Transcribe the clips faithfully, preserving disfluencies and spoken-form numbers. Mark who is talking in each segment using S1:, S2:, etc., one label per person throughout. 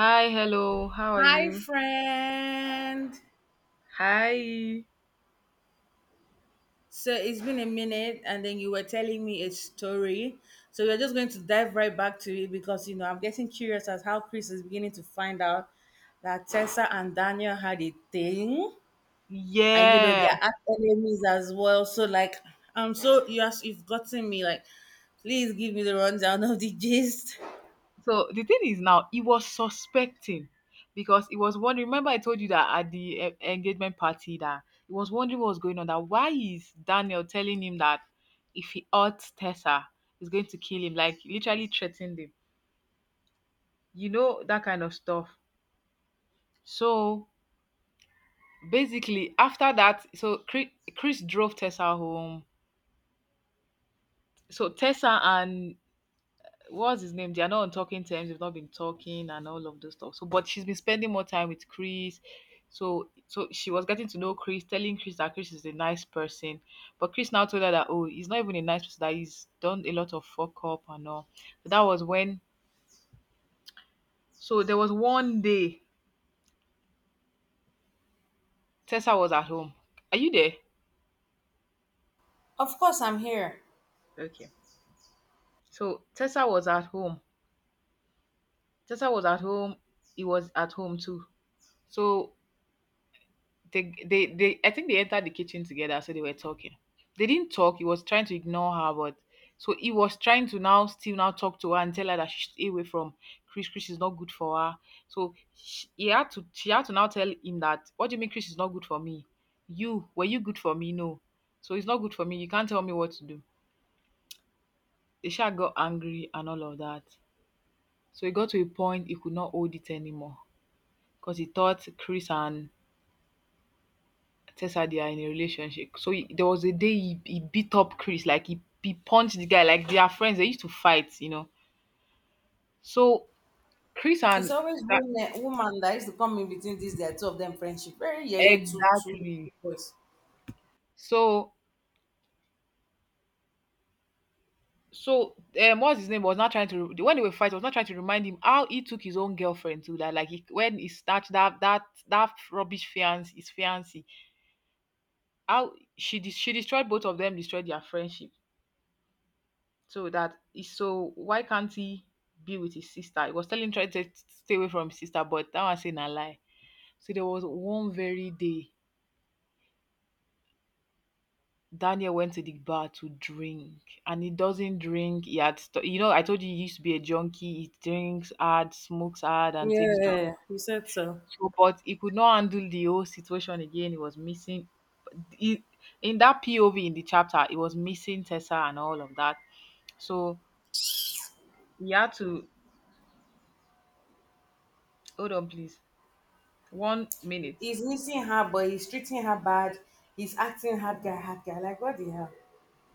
S1: Hi, hello. How are
S2: Hi,
S1: you?
S2: friend.
S1: Hi.
S2: So it's been a minute, and then you were telling me a story. So we're just going to dive right back to it because you know I'm getting curious as how Chris is beginning to find out that Tessa and Daniel had a thing, and you know
S1: Yeah.
S2: they are arch enemies as well. So like, um, so you have, you've gotten me. Like, please give me the rundown of the gist.
S1: So the thing is now, he was suspecting because he was wondering. Remember, I told you that at the e- engagement party that he was wondering what was going on. That why is Daniel telling him that if he hurts Tessa, he's going to kill him. Like literally threatened him. You know that kind of stuff. So basically, after that, so Chris, Chris drove Tessa home. So Tessa and what's his name? They are not on talking terms. They've not been talking and all of those stuff. So, but she's been spending more time with Chris. So, so she was getting to know Chris, telling Chris that Chris is a nice person. But Chris now told her that oh, he's not even a nice person. That he's done a lot of fuck up and all. So that was when. So there was one day Tessa was at home. Are you there?
S2: Of course, I'm here.
S1: Okay. So Tessa was at home. Tessa was at home. He was at home too. So they, they they I think they entered the kitchen together, so they were talking. They didn't talk. He was trying to ignore her, but so he was trying to now still now talk to her and tell her that she should stay away from Chris. Chris is not good for her. So she, he had to she had to now tell him that what do you mean Chris is not good for me? You were you good for me? No. So it's not good for me. You can't tell me what to do. The shark got angry and all of that. So he got to a point he could not hold it anymore because he thought Chris and Tessa they are in a relationship. So he- there was a day he, he beat up Chris, like he, he punched the guy, like they are friends. They used to fight, you know. So Chris
S2: It's
S1: and
S2: always
S1: that
S2: woman, woman that used to come in between these their two of them friendship. Very yeah, yeah, two, two
S1: exactly.
S2: boys.
S1: So so um, what's his name was not trying to re- when they were fighting was not trying to remind him how he took his own girlfriend to that like he, when he snatched that that that rubbish fiance his fiancee, how she de- she destroyed both of them, destroyed their friendship. So that is so why can't he be with his sister? He was telling trying to stay away from his sister, but that was saying a lie. So there was one very day Daniel went to the bar to drink, and he doesn't drink. He had, st- you know, I told you he used to be a junkie. He drinks hard, smokes hard, and takes drugs.
S2: Yeah, you said so.
S1: So, but he could not handle the whole situation again. He was missing. He, in that P O V in the chapter, he was missing Tessa and all of that. So he had to hold on, please. One minute.
S2: He's missing her, but he's treating her bad. He's acting hard guy, hard guy. Like, what the hell?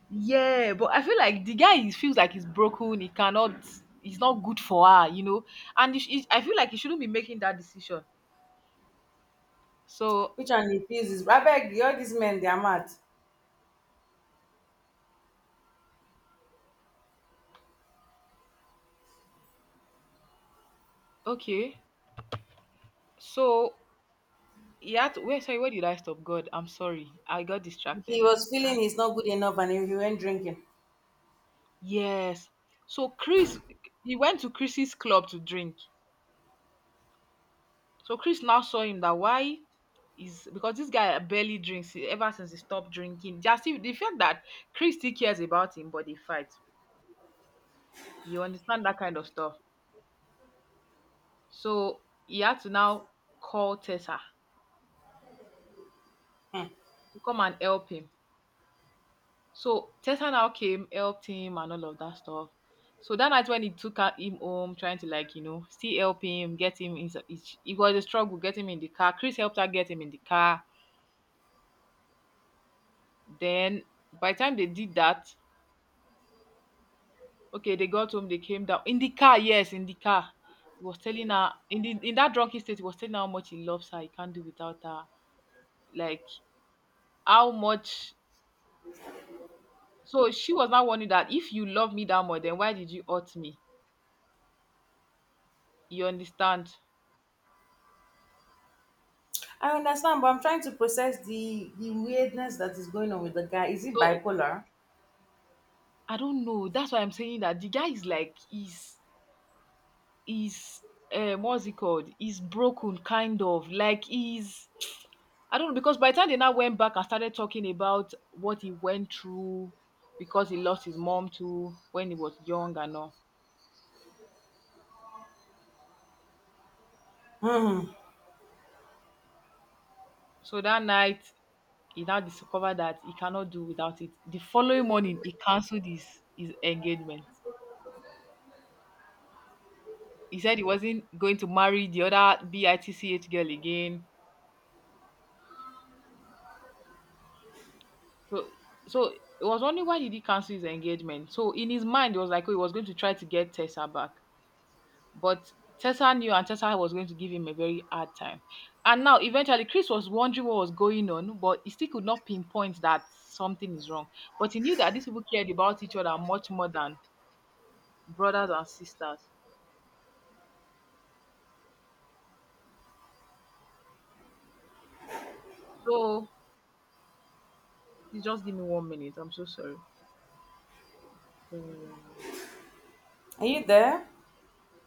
S1: Yeah, but I feel like the guy is, feels like he's broken. He cannot. He's not good for her, you know. And he, sh- he- I feel like he shouldn't be making that decision. So
S2: Which one he feels is Rabeg, all these men, they are mad.
S1: okay, so he had. To, wait, sorry, where did I stop? God, I'm sorry. I got
S2: He
S1: distracted.
S2: was feeling he's not good enough and he he went drinking.
S1: Yes. So Chris, he went to Chris's club to drink. So Chris now saw him, that why is because this guy barely drinks, eh, ever since he stopped drinking. Just if- the fact that Chris still cares about him, but they fight. You understand that kind of stuff. So he had to now call Tessa
S2: Hmm.
S1: to come and help him. So Tessa now came, helped him, and all of that stuff. So that night when he took her- him home, trying to, like, you know still help him, get him in. It was a struggle getting him in the car. Chris helped her get him in the car. Then by the time they did that, okay, they got home, they came down in the car. Yes, in the car, he was telling her in the in that drunken state, he was telling her how much he loves her, he can't do without her, like how much So She was now warning that if you love me that much, then why did you hurt me? You understand?
S2: I understand, but I'm trying to process the, the weirdness that is going on with the guy. Is he
S1: So
S2: bipolar?
S1: I don't know. That's why I'm saying that the guy is like he's he's um what's it called? He's broken kind of, like he's I don't know, because by the time they now went back and started talking about what he went through, because he lost his mom too when he was young and all.
S2: Hmm.
S1: So that night he now discovered that he cannot do without it. The following morning he cancelled his his engagement. He said he wasn't going to marry the other bitch girl again. So so it was only, why did he cancel his engagement? So in his mind it was like, oh, he was going to try to get Tessa back. But Tessa knew, and Tessa was going to give him a very hard time, and now eventually Chris was wondering what was going on, but he still could not pinpoint that something is wrong. But he knew that these people cared about each other much more than brothers and sisters. So please just give me one minute, I'm so sorry. Uh,
S2: Are you there?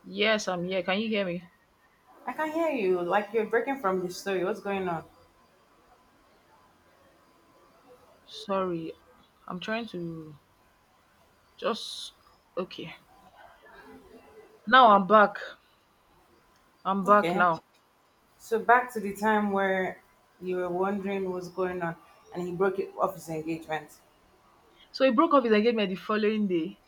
S1: yes, I'm here, can you hear me?
S2: I can hear you. Like, you're breaking from the story. What's going on?
S1: Sorry, I'm trying to just, okay. Now I'm back. I'm back
S2: Okay.
S1: now.
S2: So back to the time where you were wondering what's going on, and he broke it off his engagement.
S1: So he broke up his engagement the following day.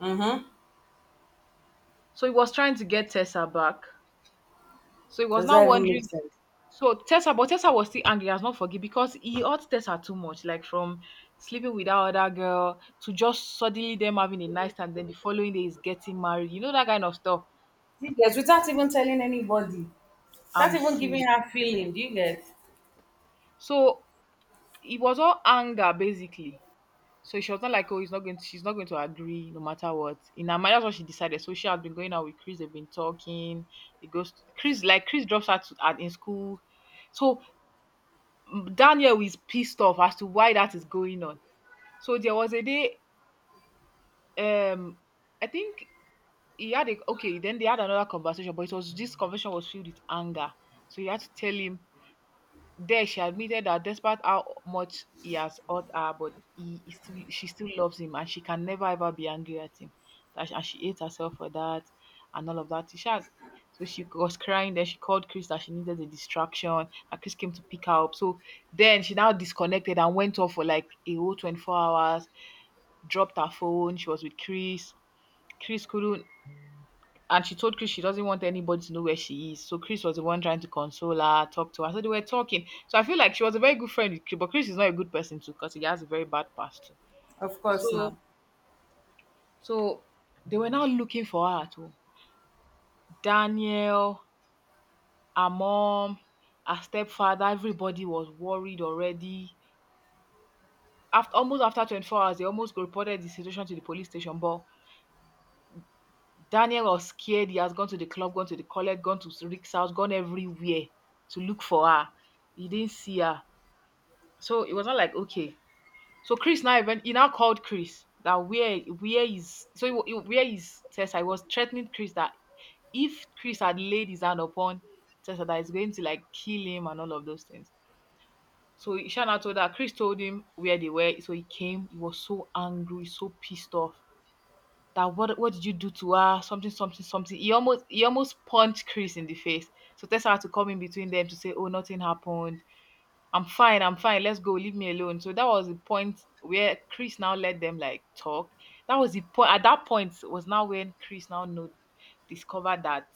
S2: Mm-hmm.
S1: So he was trying to get Tessa back. So he was
S2: Does
S1: now
S2: that even make
S1: wondering.
S2: sense?
S1: So Tessa, but Tessa was still angry, has not forgive because he hurt Tessa too much, like from sleeping with that other girl to just suddenly them having a nice time. Then the following day is getting married. You know that kind of stuff.
S2: Do you guys, without even telling anybody, without
S1: I'm
S2: even
S1: serious.
S2: giving her feeling, do you get?
S1: So it was all anger basically. So she was not like, oh, he's not going to, she's not going to agree no matter what. In her mind, that's what she decided. So she has been going out with Chris. They've been talking. It goes Chris, like Chris drops her to, at in school. So mm, Daniel is pissed off as to why that is going on. So there was a day, um, I think he had a okay, then they had another conversation, but it was this conversation was filled with anger. So you had to tell him. There, she admitted that despite how much he has hurt her, but he, he still, she still loves him and she can never ever be angry at him. That, and she hates herself for that and all of that. She had, so she was crying. Then she called Chris that she needed a distraction. And Chris came to pick her up. So then she now disconnected and went off for like a whole twenty-four hours, dropped her phone. She was with Chris. Chris couldn't and She told Chris she doesn't want anybody to know where she is. So Chris was the one trying to console her, talk to her. So they were talking. So I feel like she was a very good friend with Chris, but Chris is not a good person too because he has a very bad past. too.
S2: Of course,
S1: So
S2: now
S1: so they were now looking for her too. Daniel, her mom, her stepfather, everybody was worried already. After almost after twenty-four hours, they almost reported the situation to the police station, but Daniel was scared. He has gone to the club, gone to the college, gone to Rick's house, gone everywhere to look for her. He didn't see her. So it was not like, okay. So Chris now, even he now called Chris that where where is, so he, wa- he, where is Tessa? He was threatening Chris that if Chris had laid his hand upon Tessa, that is going to like kill him and all of those things. So Shana told her, Chris told him where they were. So he came. He was so angry, so pissed off. That what what did you do to her? Something, something, something. He almost he almost punched Chris in the face. So Tessa had to come in between them to say, oh, nothing happened. I'm fine, I'm fine, let's go, leave me alone. So that was the point where Chris now let them like talk. That was the point, at that point was now when Chris now know discovered that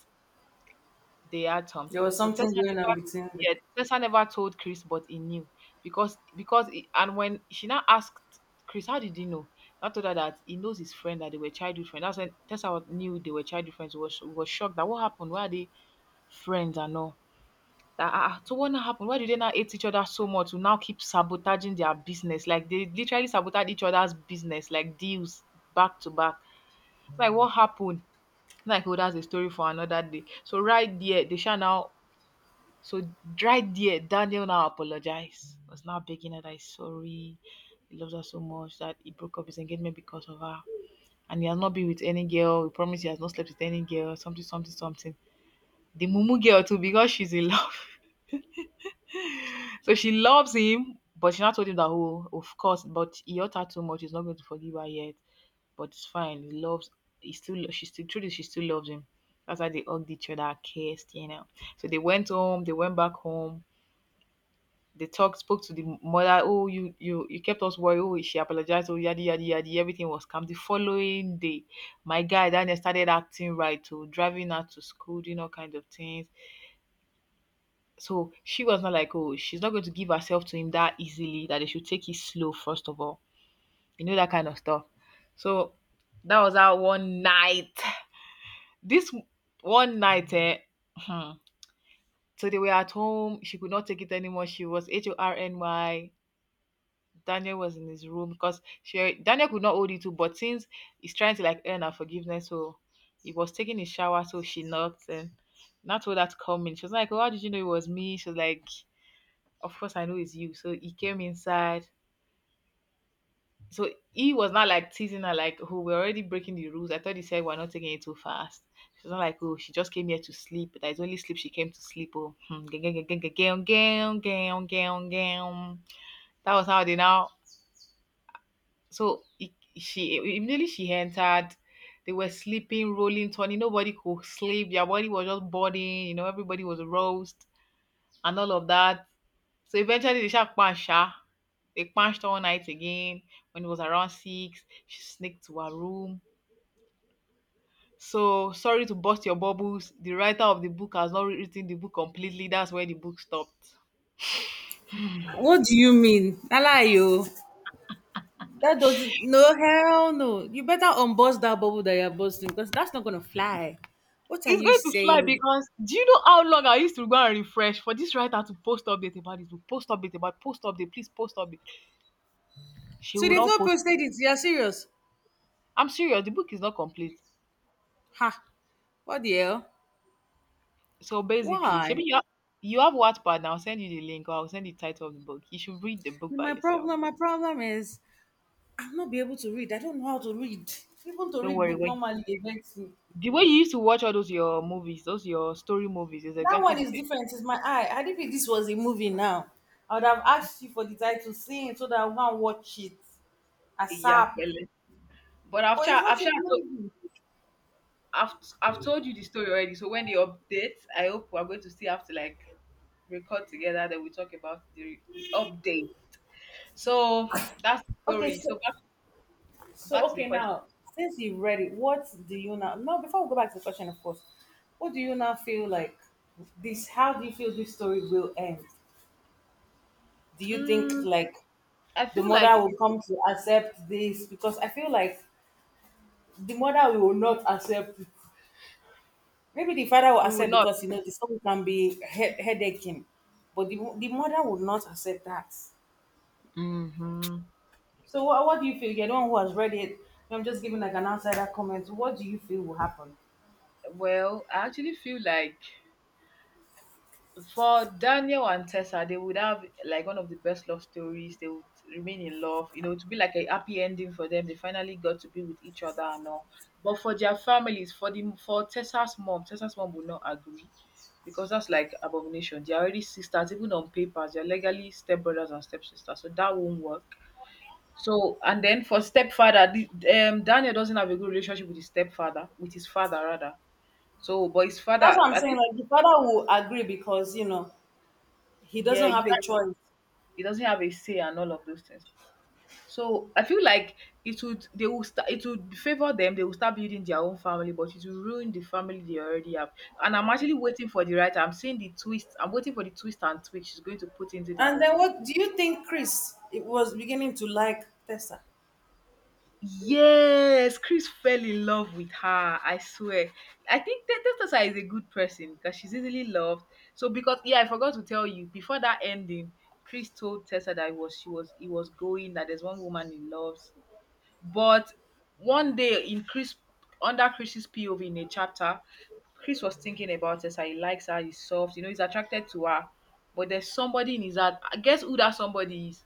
S1: they had
S2: there
S1: something.
S2: was
S1: So Tessa
S2: something going on
S1: never,
S2: between them.
S1: Yeah, Tessa never told Chris, but he knew, because because he, and when she now asked Chris, how did he know? I told her that he knows his friend, that they were childhood friends. That's when Tessa was, knew they were childhood friends. Was was shocked that what happened? Why are they friends and all? That ah, ah, so what now happened? Why do they now hate each other so much? To now keep sabotaging their business, like they literally sabotage each other's business, like deals back to back. Like what happened? Like, oh, that's a story for another day. So right there, they shall now, so right there, Daniel now apologized, was now begging her that he's sorry, he loves her so much that he broke up his engagement because of her. And he has not been with any girl. He promised he has not slept with any girl, something, something, something. The Mumu girl too, because she's in love. So she loves him, but she now told him that, oh, of course, but he hurt her too much, he's not going to forgive her yet. But it's fine. He loves he still she still truly she still loves him. That's why they hugged each other, kissed, you know. So they went home, they went back home They talked, spoke to the mother. Oh, you you you kept us worried. Oh, she apologized. Oh, yadi yadi yadi. Everything was calm. The following day, my guy then started acting right. Oh, driving her to school, doing all kind of things. So she was not like, oh, she's not going to give herself to him that easily. That they should take it slow first of all. You know that kind of stuff. So that was our one night. This one night, eh, hmm, so they were at home. She could not take it anymore. She was H O R N Y. Daniel was in his room because she Daniel could not hold it too, but since he's trying to like earn her forgiveness, so he was taking his shower, so she knocked and not told her to come in. She was like, "Oh, how did you know it was me?" She was like, "Of course I know it's you." So he came inside. So he was not like teasing her, like, "Oh, we're already breaking the rules. I thought he said we're not taking it too fast." She's not like, oh, she just came here to sleep. That is only sleep she came to sleep. Oh. Hmm. Gang, gang, gang, gang, gang, gang, gang, gang, gang. That was how they now. So it, she immediately she entered. They were sleeping, rolling, turning. Nobody could sleep. Their body was just burning. You know, everybody was roast and all of that. So eventually they shot punch her. They punched all night again. When it was around six, she sneaked to her room. So sorry to bust your bubbles. The writer of the book has not written the book completely. That's where the book stopped.
S2: What do you mean? Allow you? That does no hell no. You better unbust that bubble that you're busting because that's not gonna fly. What are
S1: It's
S2: you
S1: going to fly
S2: saying?
S1: because do you know how long I used to go and refresh for this writer to post update about this book, post update about post update, please post update. She
S2: So
S1: will
S2: they've
S1: not
S2: not
S1: post.
S2: posted it. You're serious?
S1: I'm serious, the book is not complete.
S2: Ha! What the hell?
S1: So basically, maybe
S2: Why?
S1: you have, you have Wattpad, and I'll send you the link or I'll send the title of the book. You should read the book by
S2: My
S1: yourself.
S2: problem, my problem is I'm not be able to read. I don't know how to read. Even to
S1: Don't
S2: read
S1: worry.
S2: book
S1: When,
S2: normally it vex me.
S1: the way you used to watch all those your movies, those your story movies, is
S2: That
S1: exactly
S2: one
S1: the
S2: is
S1: same.
S2: different. It's my eye. Had it been this was a movie now, I would have asked you for the title scene so that I can watch it
S1: Yeah,
S2: ASAP.
S1: fele. But I've
S2: But it's
S1: tried.
S2: not
S1: I've
S2: a
S1: tried. To,
S2: movie.
S1: I've I've told you the story already. So when they update, I hope we're going to still have to like record together. Then we talk about the, the update. So that's the
S2: Okay,
S1: story. So
S2: so
S1: back back
S2: so
S1: to the
S2: okay
S1: question.
S2: now. Since you've read it, what do you now? No, before we go back to the question, of course. What do you now feel like? This? How do you feel this story will end? Do you think
S1: Mm,
S2: like
S1: I
S2: the
S1: feel
S2: mother
S1: like
S2: will come to accept this because I feel like the mother will not accept it. Maybe the father will
S1: you will
S2: accept
S1: not.
S2: because you know the son can be head- headaching, but the, the mother will not accept that.
S1: Hmm.
S2: So what, what do you feel? You're the one who has read it. I'm just giving like an outsider comment. What do you feel will happen?
S1: Well, I actually feel like for Daniel and Tessa, they would have like one of the best love stories. They would remain in love, you know, to be like a happy ending for them. They finally got to be with each other and all. But for their families, for the for Tessa's mom, Tessa's mom would not agree because that's like abomination. They're already sisters, even on papers. They're legally stepbrothers and stepsisters, so that won't work. So and then for stepfather, the, um, Daniel doesn't have a good relationship with his stepfather, with his father rather. So, but his
S2: That's
S1: father,
S2: what I'm
S1: I
S2: saying.
S1: think,
S2: Like the father will agree because you know he
S1: yeah,
S2: doesn't
S1: you
S2: have a choice.
S1: he doesn't have a say and all of those things. So I feel like it would they will start it would favor them, they will start building their own family, but it will ruin the family they already have. And I'm actually waiting for the writer. I'm seeing the twist. I'm waiting for the twist and twist she's going to put into the
S2: And
S1: movie.
S2: then
S1: be-
S2: what do you think, Chris? It was beginning to like Tessa,
S1: Yes, Chris fell in love with her. I swear. I think that Tessa is a good person because she's easily loved. So because yeah, I forgot to tell you before that ending, Chris told Tessa that he was she was he was going that there's one woman he loves. But one day, in Chris under Chris's P O V in a chapter, Chris was thinking about her. So he likes her, he's soft, you know, he's attracted to her. But there's somebody in his heart. Guess who that somebody is?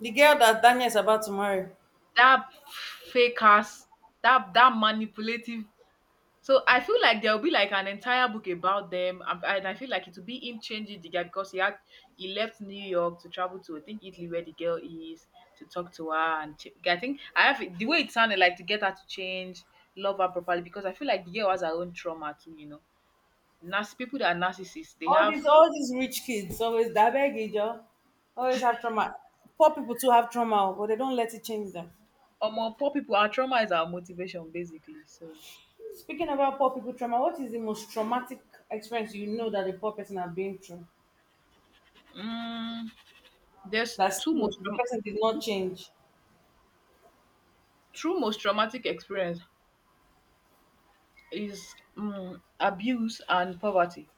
S2: the girl that Daniel is about to marry.
S1: That fake ass, that that manipulative. So I feel like there'll be like an entire book about them, and and I feel like it will be him changing the guy because he had he left New York to travel to I think Italy where the girl is to talk to her and ch- I think I have it- the way it sounded like to get her to change, love her properly because I feel like the girl has her own trauma too, you know. Nas people that are narcissists, they
S2: All
S1: have
S2: these, all these rich kids always that beg always have trauma. Poor people too have trauma, but they don't let it change them.
S1: or more poor people. Our trauma is our motivation basically. So
S2: Speaking about poor people trauma, what is the most traumatic experience you know that a poor person have been through?
S1: mm, there's
S2: That's
S1: two
S2: still
S1: most
S2: the
S1: trau-
S2: person did not change.
S1: true most traumatic experience is mm, abuse and poverty.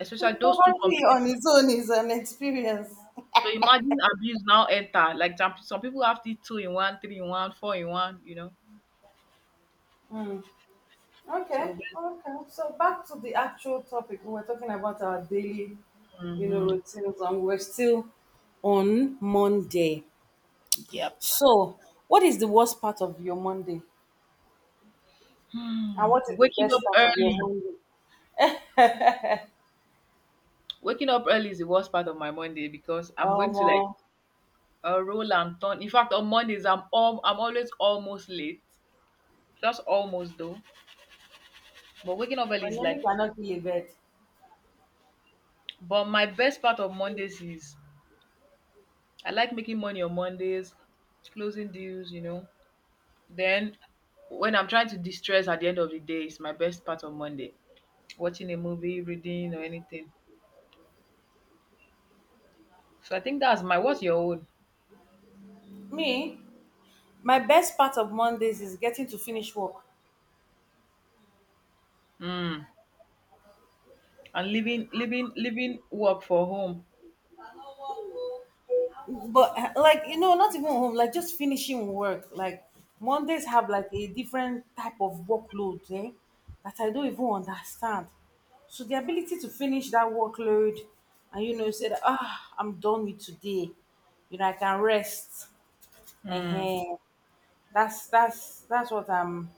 S1: Especially those two
S2: Poverty on
S1: combinations.
S2: its own is an experience.
S1: So imagine abuse now enter, like some some people have the two in one, three in one, four in one, you know.
S2: Hmm.
S1: So
S2: Okay,
S1: bas
S2: okay. So back to the actual topic. We were talking about our daily, you know,
S1: Mhm.
S2: routines, and we're still on Monday.
S1: Yep.
S2: So, what is the worst part of your Monday? And
S1: Hmm,
S2: what is the
S1: waking up
S2: best part of your
S1: early.
S2: Monday?
S1: Waking up early is the worst part of my Monday because I'm going
S2: Um,
S1: to like,
S2: uh,
S1: uh, roll and turn. In fact, on Mondays, I'm all I'm always almost late, just almost though, but waking up early
S2: my
S1: is like,
S2: name cannot be a bird.
S1: but my best part of Mondays is I like making money on Mondays, closing deals, you know. Then when I'm trying to de-stress at the end of the day, it's my best part of Monday. Watching a movie, reading or anything. So I think that's my. What's your own?
S2: Me, my best part of Mondays is getting to finish work.
S1: Mm. And leaving leaving leaving work for home.
S2: But uh, like you know, not even home, like just finishing work. Like Mondays have like a different type of workload, eh? That I don't even understand. So the ability to finish that workload and you know say that ah I'm done with today. You know, I can rest.
S1: Mm.
S2: Uh-huh. That's that's that's what I'm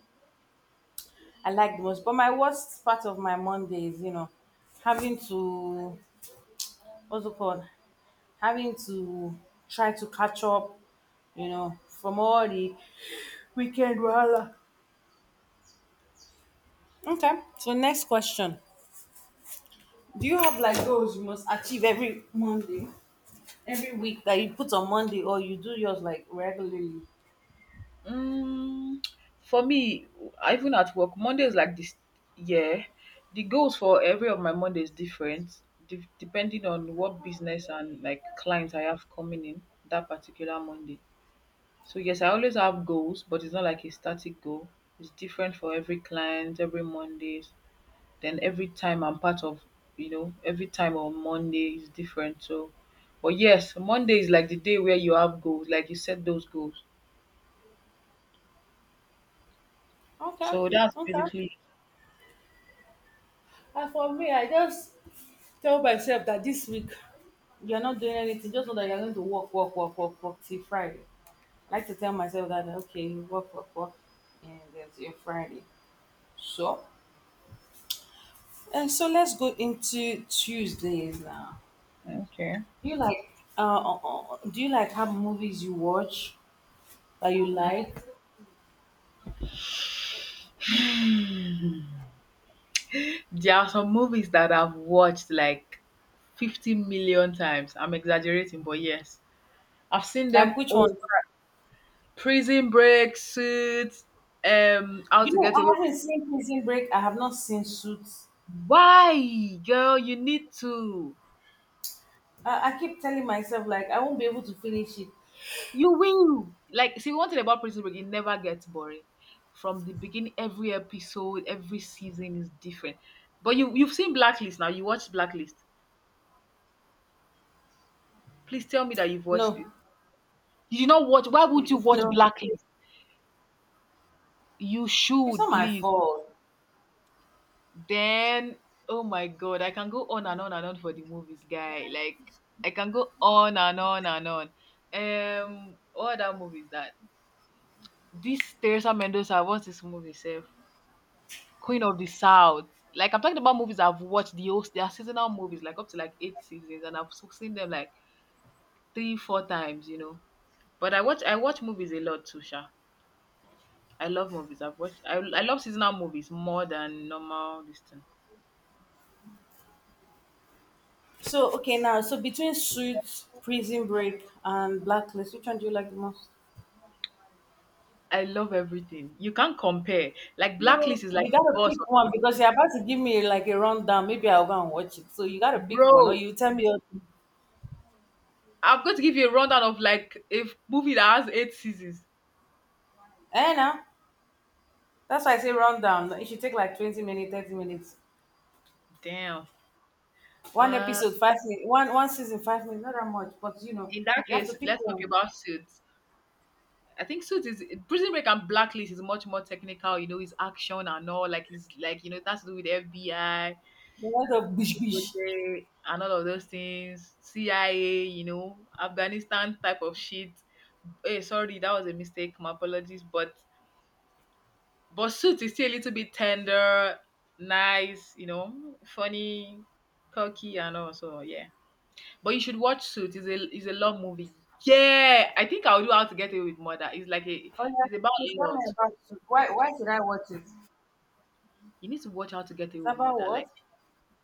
S2: I like the most. But my worst part of my Monday is, you know, having to what's it called? Having to try to catch up, you know, from all the weekend wahala. Okay. So next question. Do you have like goals you must achieve every Monday? Every week that you put on Monday or you do yours like regularly?
S1: Mm, for me, even at work, Monday is like this year. The goals for every of my Monday is different, de- depending on what business and like clients I have coming in that particular Monday. So yes, I always have goals, but it's not like a static goal. It's different for every client, every Mondays. Then every time I'm part of, you know, every time on Monday is different. So, but yes, Monday is like the day where you have goals, like you set those goals.
S2: Okay.
S1: So that's
S2: Okay.
S1: basically.
S2: And for me, I just tell myself that this week you're not doing anything. Just know that you're going to work, work, work, work, work till Friday. I like to tell myself that okay, you work, work, work, and then till Friday. So, and so let's go into Tuesdays now.
S1: Okay.
S2: Do you like uh, uh, uh, do you like have movies you watch that you like?
S1: There are some movies that I've watched like 50 million times. I'm exaggerating, but yes, I've seen them
S2: Like which
S1: all.
S2: one?
S1: Prison Break, Suits, um, How
S2: You
S1: to
S2: know,
S1: Get
S2: I
S1: Away.
S2: haven't seen Prison Break. I have not seen Suits.
S1: Why? Girl, you need to.
S2: I, I keep telling myself like I won't be able to finish it.
S1: You will. Like, see, one thing about Prison Break, it never gets boring. From the beginning, every episode, every season is different. But you, you've seen Blacklist now. You watched Blacklist. Please tell me that you've watched
S2: No,
S1: it. You did not watch. Why would you watch
S2: no,
S1: Blacklist? You
S2: it's
S1: should,
S2: not my
S1: please.
S2: fault.
S1: Then, oh my God, I can go on and on and on for the movies, guy. Like, I can go on and on and on. Um, what other movie is that? This Teresa Mendoza, what's this movie, Seth? Queen of the South. Like I'm talking about movies I've watched, the host their seasonal movies, like up to like eight seasons, and I've so- seen them like three, four times, you know. But I watch I watch movies a lot too, Sha. I love movies. I've watched I, I love seasonal movies more than normal this thing.
S2: So okay now, so between Suits, Prison Break, and Blacklist, which one do you like the most?
S1: I love everything. You can't compare. Like
S2: So,
S1: Blacklist is like
S2: you gotta
S1: boss.
S2: pick one because you're about to give me like a rundown. Maybe I'll go and watch it. So you gotta pick one, or
S1: Bro,
S2: you tell me. your-
S1: I'm going to give you a rundown of like a movie that has eight seasons.
S2: Eh, now that's why I say rundown. It should take like twenty minutes, thirty minutes.
S1: Damn.
S2: One
S1: Uh,
S2: episode, five minutes. One one season, five minutes. Not that much, but you know,
S1: in that
S2: you have to
S1: case,
S2: pick
S1: let's talk
S2: one.
S1: about Suits. I think Suits is Prison Break and Blacklist is much more technical, you know, it's action and all, like it's like, you know, that's to do with F B I,
S2: You want to bish bish.
S1: and all of those things, C I A, you know, Afghanistan type of shit. Hey, sorry, that was a mistake. My apologies, but but Suits is still a little bit tender, nice, you know, funny, quirky, and also yeah. But you should watch Suits. It's a it's a love movie. Yeah, I think I'll do How to Get Away with Murder. It's like a
S2: Oh yeah,
S1: It's about
S2: so tell
S1: law.
S2: me about Suits. Why why should I watch it? It's
S1: You need to watch How to Get Away with
S2: about
S1: Murder.
S2: what?
S1: Like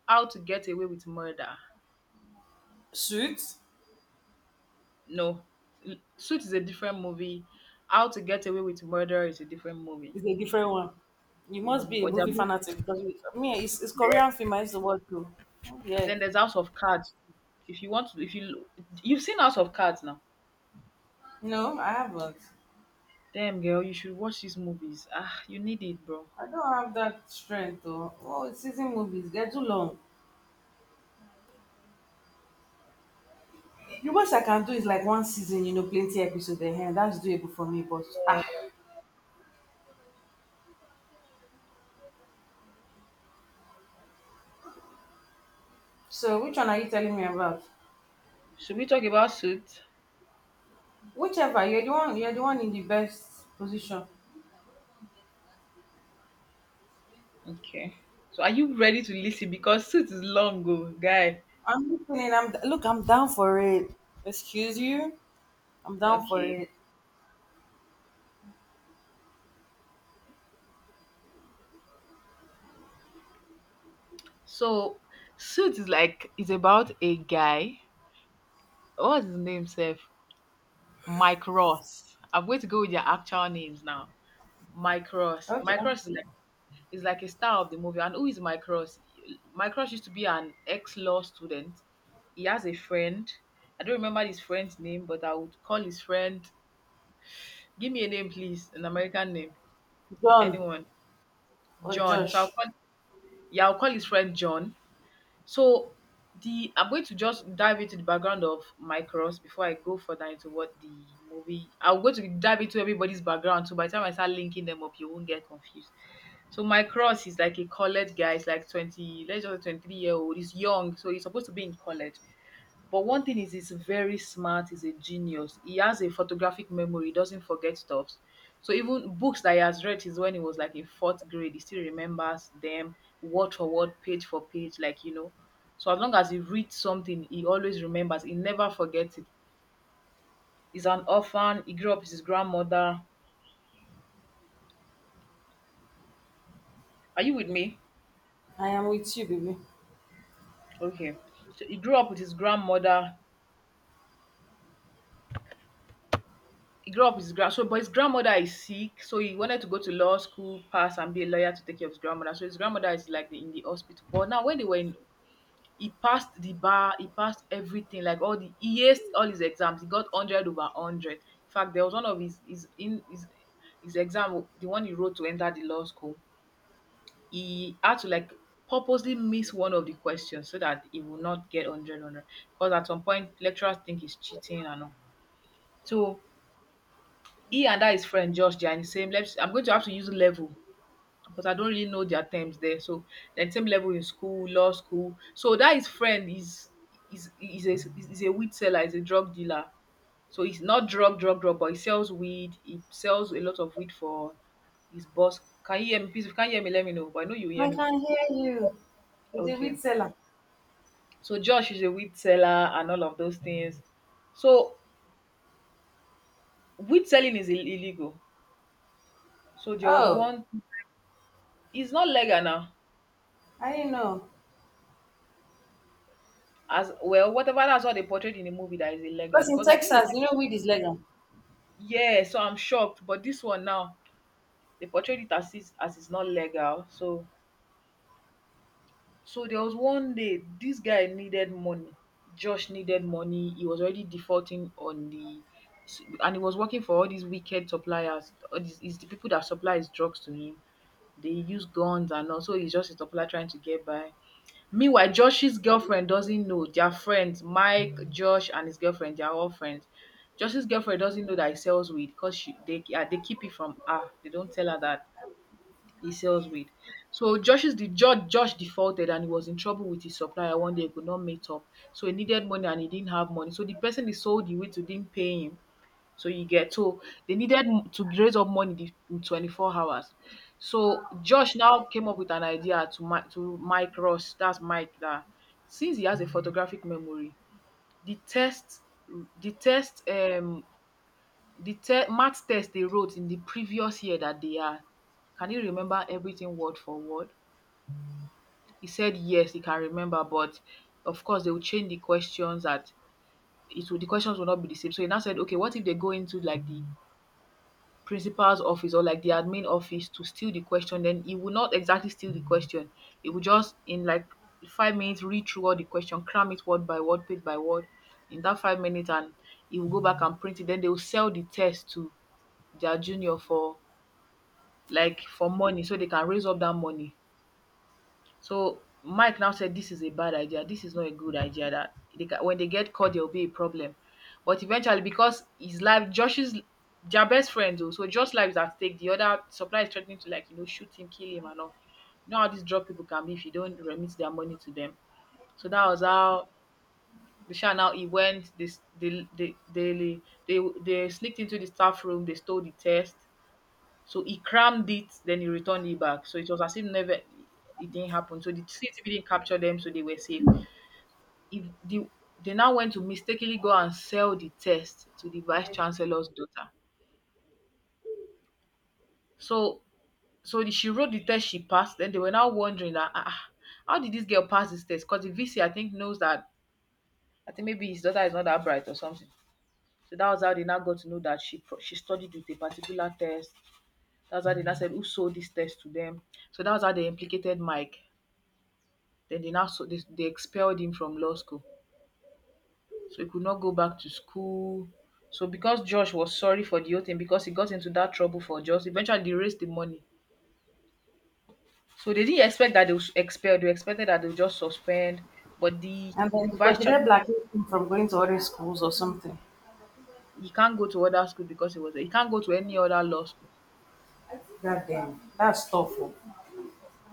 S1: How to Get Away with Murder.
S2: Suits.
S1: No. Suits is a different movie. How to Get Away with Murder is a different movie.
S2: It's a different one. You must
S1: Mm.
S2: be a
S1: But they're
S2: movie
S1: both
S2: fanatic because we- me, it's, it's
S1: there.
S2: Korean film. I used to watch too. Yeah.
S1: Then there's House of Cards. If you want to, if you you've seen House of Cards now.
S2: No, I haven't.
S1: Damn girl, you should watch these movies. Ah, you need it, bro.
S2: I don't have that strength though. Oh, season movies, they're too long. The most I can do is like one season, you know, plenty episodes ahead. That's doable for me, but ah. So which one are you telling me about?
S1: Should we talk about Suits?
S2: Whichever, you're the one you're the one in the best position.
S1: Okay. So are you ready to listen? Because Suits is long ago, guy.
S2: I'm listening, I'm look, I'm down for it. Excuse you? I'm down for
S1: Okay.
S2: it.
S1: So Suits is like it's about a guy. What's his name, Seth? Mike Ross. I'm going to go with their actual names now. Mike Ross.
S2: Okay.
S1: Mike Ross is like, is like a star of the movie. And who is Mike Ross? Mike Ross used to be an ex law student. He has a friend. I don't remember his friend's name, but I would call his friend. Give me a name, please. An American name.
S2: John
S1: Anyone.
S2: or
S1: John. So I'll
S2: Josh.
S1: call, yeah, I'll call his friend John. So the I'm going to just dive into the background of Micros before I go further into what the movie I'm going to dive into everybody's background so by the time I start linking them up you won't get confused. So Micros is like a college guy, he's like twenty let's just say twenty-three-year-old old, he's young, so he's supposed to be in college. But one thing is he's very smart, he's a genius. He has a photographic memory, he doesn't forget stuff. So even books that he has read is when he was like in fourth grade, he still remembers them word for word, page for page, like you know. So as long as he reads something, he always remembers, he never forgets it. He's an orphan, he grew up with his grandmother. Are you with me?
S2: I am with you, baby.
S1: Okay. So he grew up with his grandmother. He grew up with his grand so But his grandmother is sick, so he wanted to go to law school, pass and be a lawyer to take care of his grandmother. So his grandmother is like the, in the hospital. But now when they were in He passed the bar, he passed everything, like all the he aced all his exams. He got a hundred over a hundred. In fact, there was one of his his in his his exam, the one he wrote to enter the law school, he had to like purposely miss one of the questions so that he would not get hundred hundred. Because at some point lecturers think he's cheating and all. So he and that his friend Josh, they are in the same let's I'm going to have to use level because I don't really know their terms there. So they're same level in school, law school. So that his friend is is is a is a weed seller, is a drug dealer. So he's not drug, drug, drug, but he sells weed. He sells a lot of weed for his boss. Can you hear me? Please, if you can't hear me, let me know. But I know you hear
S2: I
S1: me.
S2: can hear you. The
S1: Okay.
S2: wheat seller.
S1: So Josh is a weed seller and all of those things. So weed selling is ill- illegal. So there was
S2: Oh,
S1: one. It's not legal now.
S2: I didn't know.
S1: As well, whatever, that's what they portrayed in the movie, that is illegal
S2: Because in
S1: because I think it,
S2: Texas, you know, wheat is legal.
S1: yeah, so I'm shocked. But this one now, they portrayed it as is as it's not legal. So so there was one day this guy needed money. Josh needed money. He was already defaulting on the and he was working for all these wicked suppliers. All these is the people that supply his drugs to him. They use guns and also he's just a supplier trying to get by. Meanwhile, Josh's girlfriend doesn't know. They're friends. Mike, Josh, and his girlfriend, they're all friends. Josh's girlfriend doesn't know that he sells weed because she they, yeah, they keep it from her. They don't tell her that he sells weed. So Josh's the Josh, Josh defaulted and he was in trouble with his supplier one day. He could not meet up. So he needed money and he didn't have money. So the person he sold the weed to didn't pay him. So you get, so they needed m- to raise up money the- in twenty-four hours. So Josh now came up with an idea to Mike, to Mike Ross. That's Mike. That since he has a photographic memory, the test, the test, um, the te- math test they wrote in the previous year that they had. Can you remember everything word for word? He said yes, he can remember, but of course they will change the questions, that it will the questions will not be the same. So he now said, okay, what if they go into like the principal's office or like the admin office to steal the question, then he will not exactly steal the question. He will just in like five minutes read through all the question, cram it word by word, page by word in that five minutes, and he will go back and print it. Then they will sell the test to their junior for like for money so they can raise up that money. So Mike now said this is a bad idea. This is not a good idea. That they ca- when they get caught, there will be a problem. But eventually, because his life, Josh's their best friend though, so Josh's life is at stake. The other supplier is threatening to like you know shoot him, kill him, and all. You know how these drug people can be if you don't remit their money to them. So that was how the Shah now he went. This they they they they they sneaked into the staff room. They stole the test. So he crammed it, then he returned it back. So it was as if never it didn't happen. So the C C T V didn't capture them, so they were safe. If the They now went to mistakenly go and sell the test to the vice chancellor's daughter. So so the- she wrote the test, she passed. Then they were now wondering that ah, ah, how did this girl pass this test? Because the V C I think knows that I think maybe his daughter is not that bright or something. So that was how they now got to know that she pro- she studied with a particular test. That's how they now said who sold this test to them. So that was how they implicated Mike. Then they now so they they expelled him from law school so he could not go back to school, so because Josh was sorry for the whole tin becos e got into that trouble for Josh, eventually they raised the money, so they didn't expect that they would expel, dey expected that they would just suspend but the
S2: And then
S1: vice
S2: but did
S1: chancellor,
S2: they blackmail him from going to other schools or something?
S1: he can't go to other school because he was he can't go to any other law school.
S2: God damn, that's tough. Oh.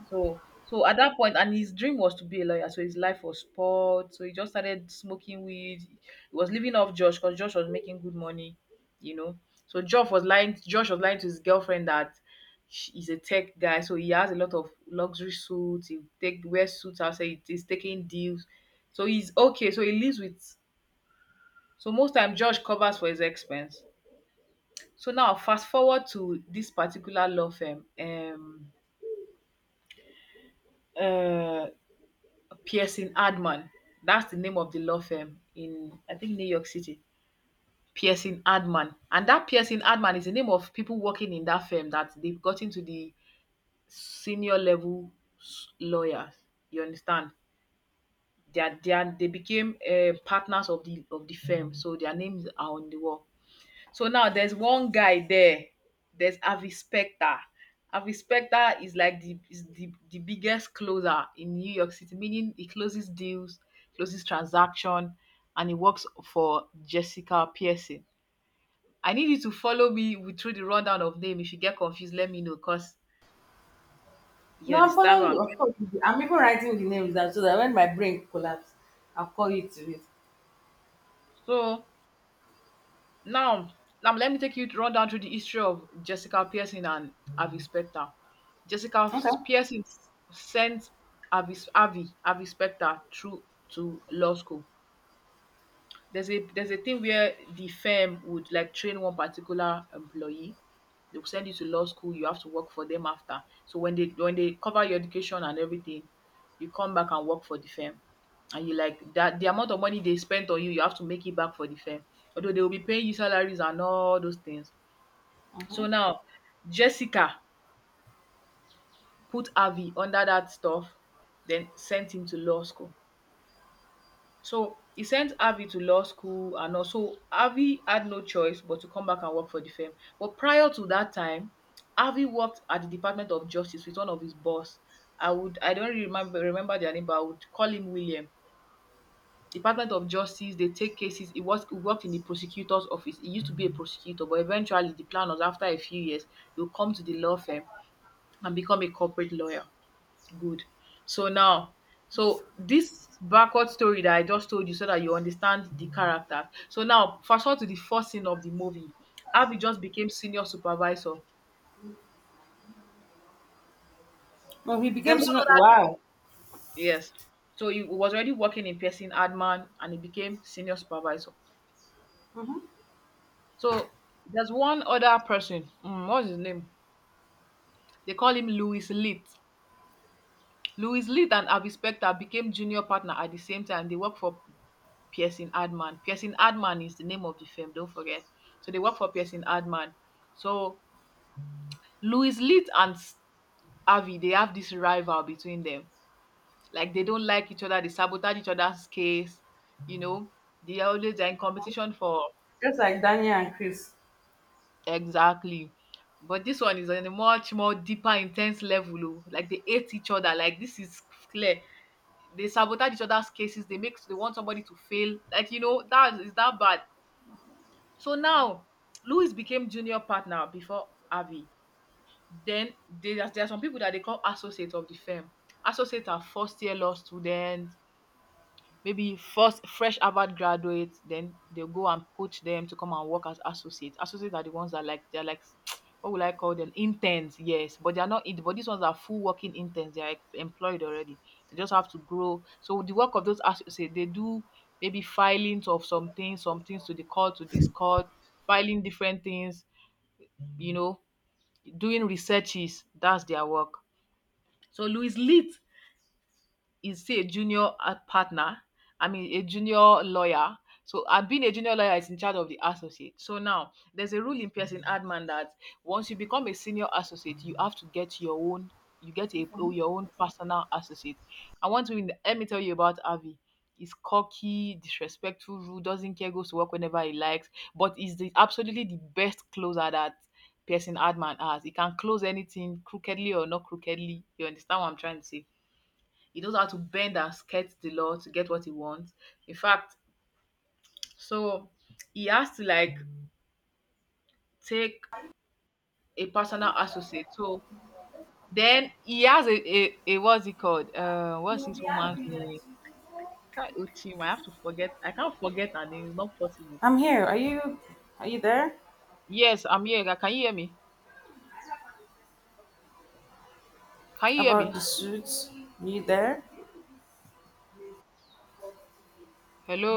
S1: So so at that point and his dream was to be a lawyer, so his life was spoiled. So he just started smoking weed. He was living off Josh because Josh was making good money, you know. So Josh was lying Josh was lying to his girlfriend that she- he's a tech guy, so he has a lot of luxury suits. He take wears suits outside. he- He's taking deals, so he's okay. So he lives with. So most time Josh covers for his expense. So now fast forward to this particular law firm. Um, uh, Pearson Hardman. That's the name of the law firm in I think New York City. Pearson Hardman. And that Pearson Hardman is the name of people working in that firm that they've gotten to the senior level s- lawyers. You understand? They are, they are, they became uh, partners of the of the firm, so their names are on the wall. So now there's one guy there, there's Avi Specter. Avi Specter is like the is the, the biggest closer in New York City, meaning he closes deals, closes transaction, and he works for Jessica Pearson. I need you to follow me with, through the rundown of name. If you get confused, let me know because you
S2: No, I'm
S1: understand what
S2: following
S1: I'm
S2: you. Of course, I'm even writing the names down so that when my brain collapses, I'll call you to it.
S1: so Now, now let me take you to run down through the history of Jessica Pearson and Avi Specter. Jessica
S2: Okay.
S1: Pearson sent Avi, Avi, Avi Specter through to law school. There's a there's a thing where the firm would like train one particular employee. They'll send you to law school, you have to work for them after. So when they when they cover your education and everything, you come back and work for the firm. And you like that the amount of money they spent on you, you have to make it back for the firm. Although they will be paying you salaries and all those things.
S2: Hmm.
S1: So now Jessica put Avi under that stuff, then sent him to law school. So he sent Avi to law school and also Avi had no choice but to come back and work for the firm. But prior to that time, Avi worked at the Department of Justice with one of his boss. I would I don't really remember remember their name, but I would call him William. Department of Justice, they take cases. He was he worked in the prosecutor's office. He used to be a prosecutor, but eventually the plan was after a few years, he'll come to the law firm and become a corporate lawyer. Good. So now, so this backward story that I just told you so that you understand the characters. So now, fast forward to the first scene of the movie. Avi just became senior supervisor.
S2: No, he
S1: There's
S2: became
S1: one
S2: super,
S1: other,
S2: wow,
S1: yes. So he was already working in Pearson Adman and he became senior supervisor. So there's one other person. Mm, what's his name? They call him Louis Lit. Louis Lit and Avi Specter became junior partner at the same time. They work for Pearson Hardman. Pearson Hardman is the name of the firm, don't forget. So they work for Pearson Hardman. So Louis Leet and S- Harvey, they have this rival between them. Like they don't like each other, they sabotage each other's case, you know. They are always they're in competition for,
S2: just like Daniel and Chris.
S1: exactly. But this one is on a much more deeper, intense level. Oh. Like they hate each other. Like this is clear. They sabotage each other's cases. They make they want somebody to fail. Like you know that is that bad. So now Louis became junior partner before Avi. Then there are, there are some people that they call associate of the firm. Associate are first year law students, maybe first fresh Harvard graduates, then they go and poach them to come and work as associates. Associates are the ones that like they're like what will I call them? Interns, yes, but they are not. in- But these ones are full working interns. They are employed already. They just have to grow. So the work of those associates, they do maybe filings of some things, some things to the court, to this court, filing different things. You know, doing researches. That's their work. So Louis Leet is still a junior uh, partner. I mean, a junior lawyer. So, and being a junior lawyer is in charge of the associate. So now, there's a rule in Pearson Adman that once you become a senior associate, you have to get your own, you get a, oh, your own personal associate. I want to, let me tell you about Avi. He's cocky, disrespectful, rude, doesn't care, goes to work whenever he likes, but is the absolutely the best closer that Pearson Adman has. He can close anything crookedly or not crookedly. You understand what I'm trying to say? He knows how to bend and skirt the law to get what he wants. In fact, so he has to like take a personal associate. So then he has a, a, a what's it called? Uh, what's his woman's name? Kai Uchim. I have to forget. I can't forget her name. It's not possible.
S2: I'm here. Are you? Are you there?
S1: Yes, I'm here. Can you hear me? Can you hear
S2: About the
S1: me?
S2: suits? Are you there?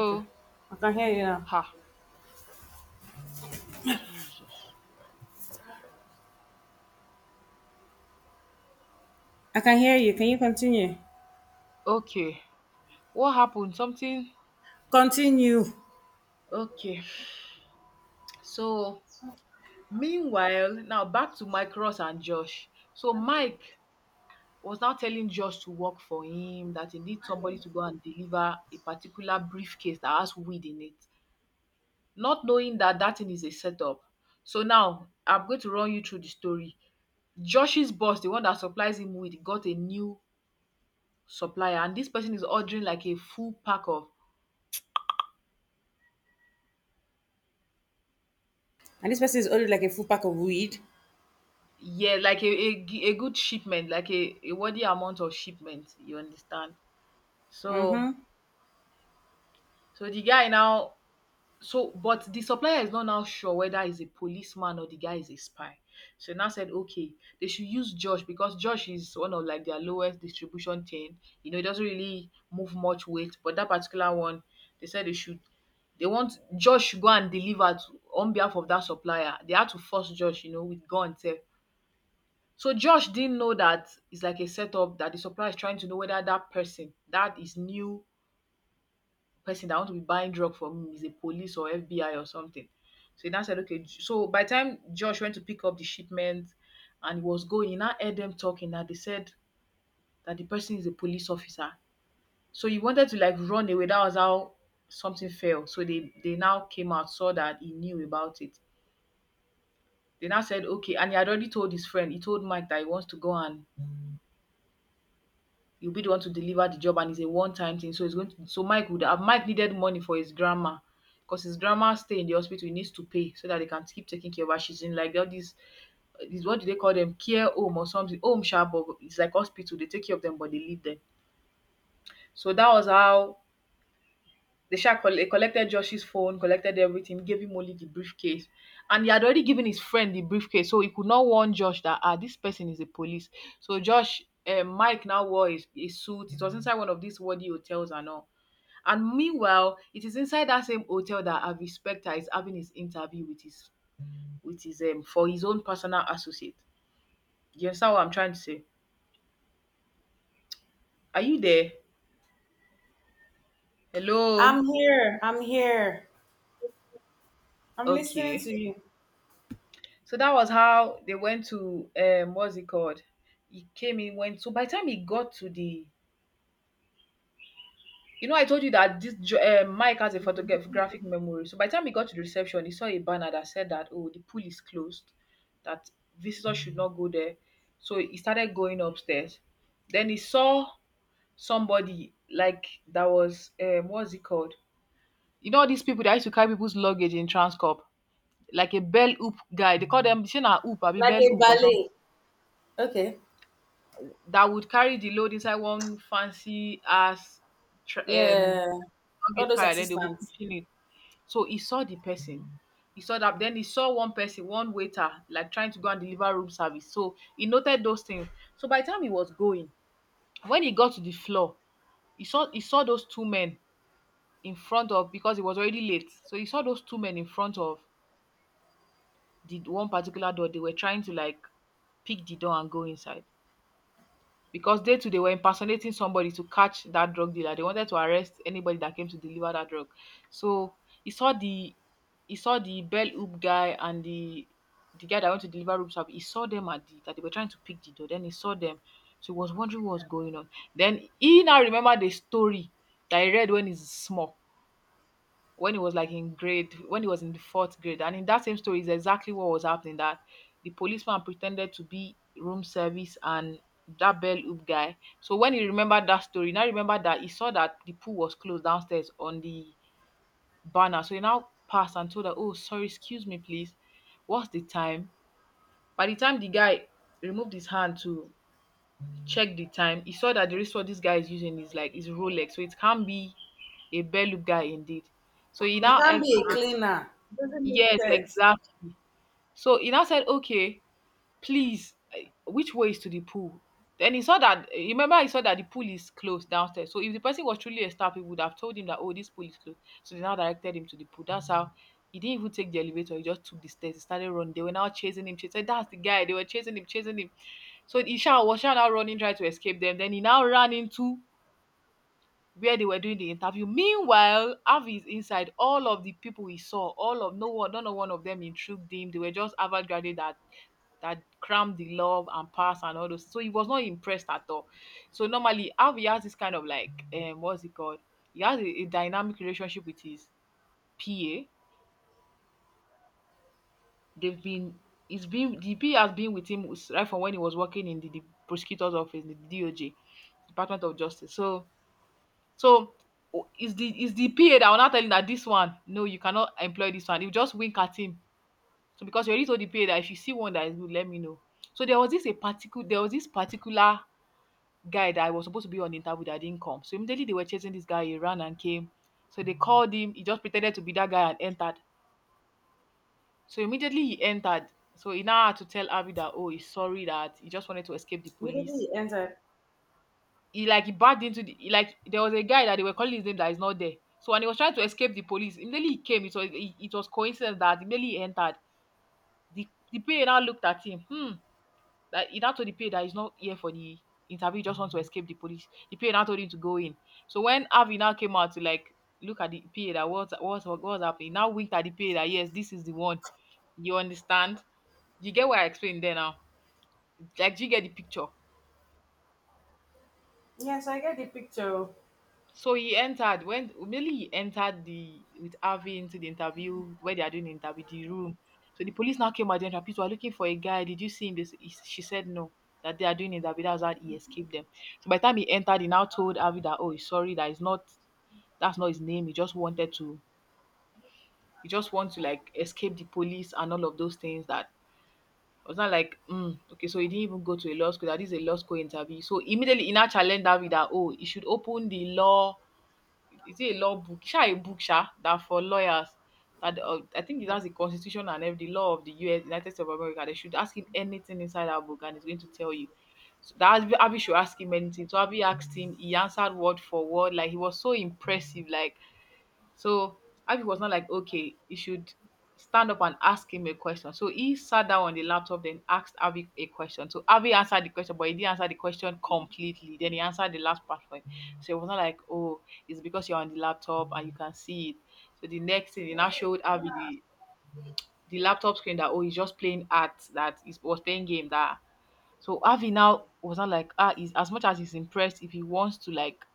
S2: Okay. I can hear you now.
S1: Ha. Jesus.
S2: I can hear you. Can you continue?
S1: Okay. What happened? Something?
S2: Continue.
S1: Okay. So, meanwhile, now back to Mike Ross and Josh. So, Mike was now telling Josh to work for him, that he needs somebody to go and deliver a particular briefcase that has weed in it, not knowing that that thing is a setup. So now I'm going to run you through the story. Josh's boss, the one that supplies him weed, got a new supplier, and this person is ordering like a full pack of,
S2: And this person is only like a full pack of weed.
S1: yeah, like a a, g- a good shipment, like a, a worthy amount of shipment. You understand? So
S2: Mm-hmm.
S1: so the guy now. So, but the supplier is not now sure whether he's a policeman or the guy is a spy. So now said, okay, they should use Josh because Josh is one of like their lowest distribution chain. You know, it doesn't really move much weight, but that particular one, they said they should. They want Josh should go and deliver to, on behalf of that supplier. They had to force Josh, you know, with gun sef. So Josh didn't know that it's like a setup that the supplier is trying to know whether that person, that is new person that want to be buying drug from him is a police or F B I or something. So he now said, okay. J- So by the time Josh went to pick up the shipment and he was going, he now heard them talking that they said that the person is a police officer. So he wanted to like run away. That was how something fell. So they they now came out, saw that he knew about it. They now said, okay, and he had already told his friend, he told Mike that he wants to go and you'll be the one to deliver the job and it's a one-time thing. So it's going to, so Mike would have Mike needed money for his grandma because his grandma stay in the hospital, he needs to pay so that they can keep taking care of her. She's in like all these this what do they call them, care home or something home sha, but it's like hospital they take care of them but they leave them, so that was how they sha colle- collected Josh's phone, collected everything, gave him only the briefcase. And he had already given his friend the briefcase, so he could not warn Josh that ah, this person is the police. So Josh, uh, Mike now wore his, his suit. It was inside one of these worthy hotels and all. And meanwhile, it is inside that same hotel that Avi Specter is having his interview with his with his um for his own personal associate. Do you understand what I'm trying to say? Are you there? Hello?
S2: I'm here. I'm here. I'm listening to
S1: Okay.
S2: you.
S1: So that was how they went to um what's it called? He came in, went, so by the time he got to the, you know, I told you that this jo- eh, Mike has a photographic memory. So by the time he got to the reception, he saw a banner that said that oh the pool is closed, that visitors should not go there. So he started going upstairs. Then he saw somebody like that was um what's it called? You know these people that used to carry people's luggage in Transcorp, like a bell hoop guy. They call them, say na hoop, be
S2: Like
S1: bell
S2: a
S1: hoop or something
S2: ballet. Okay.
S1: that would carry the load inside one fancy ass tr- um
S2: Yeah. All
S1: luggage
S2: those
S1: carrier. Then they'll be
S2: assistants.
S1: pushing it. So he saw the person. He saw that. Then he saw one person, one waiter, like trying to go and deliver room service. So he noted those things. So by the time he was going, when he got to the floor, he saw he saw those two men in front of, because it was already late. So he saw those two men in front of the one particular door. They were trying to like pick the door and go inside, because they too they were impersonating somebody to catch that drug dealer. They wanted to arrest anybody that came to deliver that drug. So he saw the, he saw the bell hoop guy and the the guy that went to deliver room service. He saw them at the that they were trying to pick the door. Then he saw them. So he was wondering what was going on. Then he now remembered the story that he read when he's small, when he was like in grade, when he was in the fourth grade, and in that same story is exactly what was happening, that the policeman pretended to be room service and that bell hoop guy. So when he remembered that story, now remember that he saw that the pool was closed downstairs on the banner, so he now passed and told her, oh sorry, excuse me please, what's the time. By the time the guy removed his hand to check the time, he saw that the wristwatch this guy is using is like is Rolex, so it can't be a bell loop guy indeed. So he
S2: You
S1: now
S2: can't
S1: asks,
S2: be a
S1: "Oh,
S2: cleaner. Doesn't make
S1: yes,
S2: sense.
S1: exactly." So he now said, "Okay, please, eh, which way is to the pool?" Then he saw that eh, remember he saw that the pool is closed downstairs. So if the person was truly a staff, he would have told him that, "Oh, this pool is closed." So they now directed him to the pool. That's how he didn't even take the elevator. He just took the stairs. He started running. They were now chasing him. Chasing. That's the guy. They were chasing him, chasing him. So Isha was now running, trying to escape them. Then he now ran into where they were doing the interview. Meanwhile, Avi is inside. All of the people we saw, all of no one, none of one of them intrigued him. They were just Harvard graduate that that crammed the love and pass and all those. So he was not impressed at all. So normally Avi has this kind of like um what's it called? He has a, a dynamic relationship with his P A. They've been it's been the P A has been with him right from when he was working in the, the prosecutor's office, the D O J, Department of Justice. So So o- it's the is the P A that will now tell him that this one, no, you cannot employ this one. You just wink at him. So because you already told the P A that if you see one that is good, let me know. So there was this a particular there was this particular guy that I was supposed to be on interview that didn't come. So immediately they were chasing this guy, he ran and came. So they called him, he just pretended to be that guy and entered. So immediately he entered. So he now had to tell Abby that, oh, he's sorry that he just wanted to escape the
S2: Immediately
S1: police.
S2: he entered.
S1: he like he barged into the he, like there was a guy that they were calling his name that is not there. So when he was trying to escape the police, immediately he came. It was it, it was coincidence that immediately he entered. The the P A now looked at him. Hmm. That he now told the P A that he's not here for the interview. He just wants to escape the police. The P A now told him to go in. So when Avi now came out to like look at the P A that what's what's what was happening, he now winked at the P A that, yes, this is the one. You understand? You get what I explained there now. Like, do you get the picture?
S2: Yes, I get the picture.
S1: So he entered when immediately he entered the with Harvey into the interview where they are doing the interview the room. So the police now came out and people are looking for a guy. Did you see him? This he- she said no. That they are doing interview. That's how he escaped them. So by the time he entered, he now told Harvey that, oh, he's sorry that is not that's not his name. He just wanted to he just wants to like escape the police and all of those things that I was not like, mm, okay, so he didn't even go to a law school. That is a law school interview. So immediately, he now challenged Harvey that, oh, he should open the law is it a law book? Sha a book sha that for lawyers that uh, I think it has the Constitution and every the law of the U S. United States of America. They should ask him anything inside that book, and he's going to tell you. So that Abi Abi should ask him anything. So Abi asked him. He answered word for word. Like he was so impressive. Like so Abby was not like, okay, you should stand up and ask him a question. So he sat down on the laptop, then asked Abby a question. So Abby answered the question, but he didn't answer the question completely. Then he answered the last part for him. So it was not like, oh, it's because you're on the laptop and you can see it. So the next thing, he now showed Abby the, the laptop screen that, oh, he's just playing art, that he was playing game, that so Avi now was not like, ah, he's as much as he's impressed if he wants to like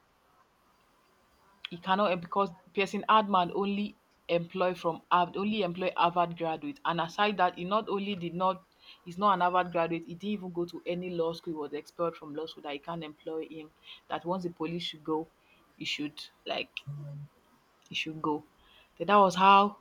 S1: he cannot em- because Pearson Hardman only employ from Harvard, only employ Harvard graduates. And aside that, he not only did not he's not an Harvard graduate, he didn't even go to any law school. He was expelled from law school that he can't employ him. That once the police should go, he should like he should go. So that was how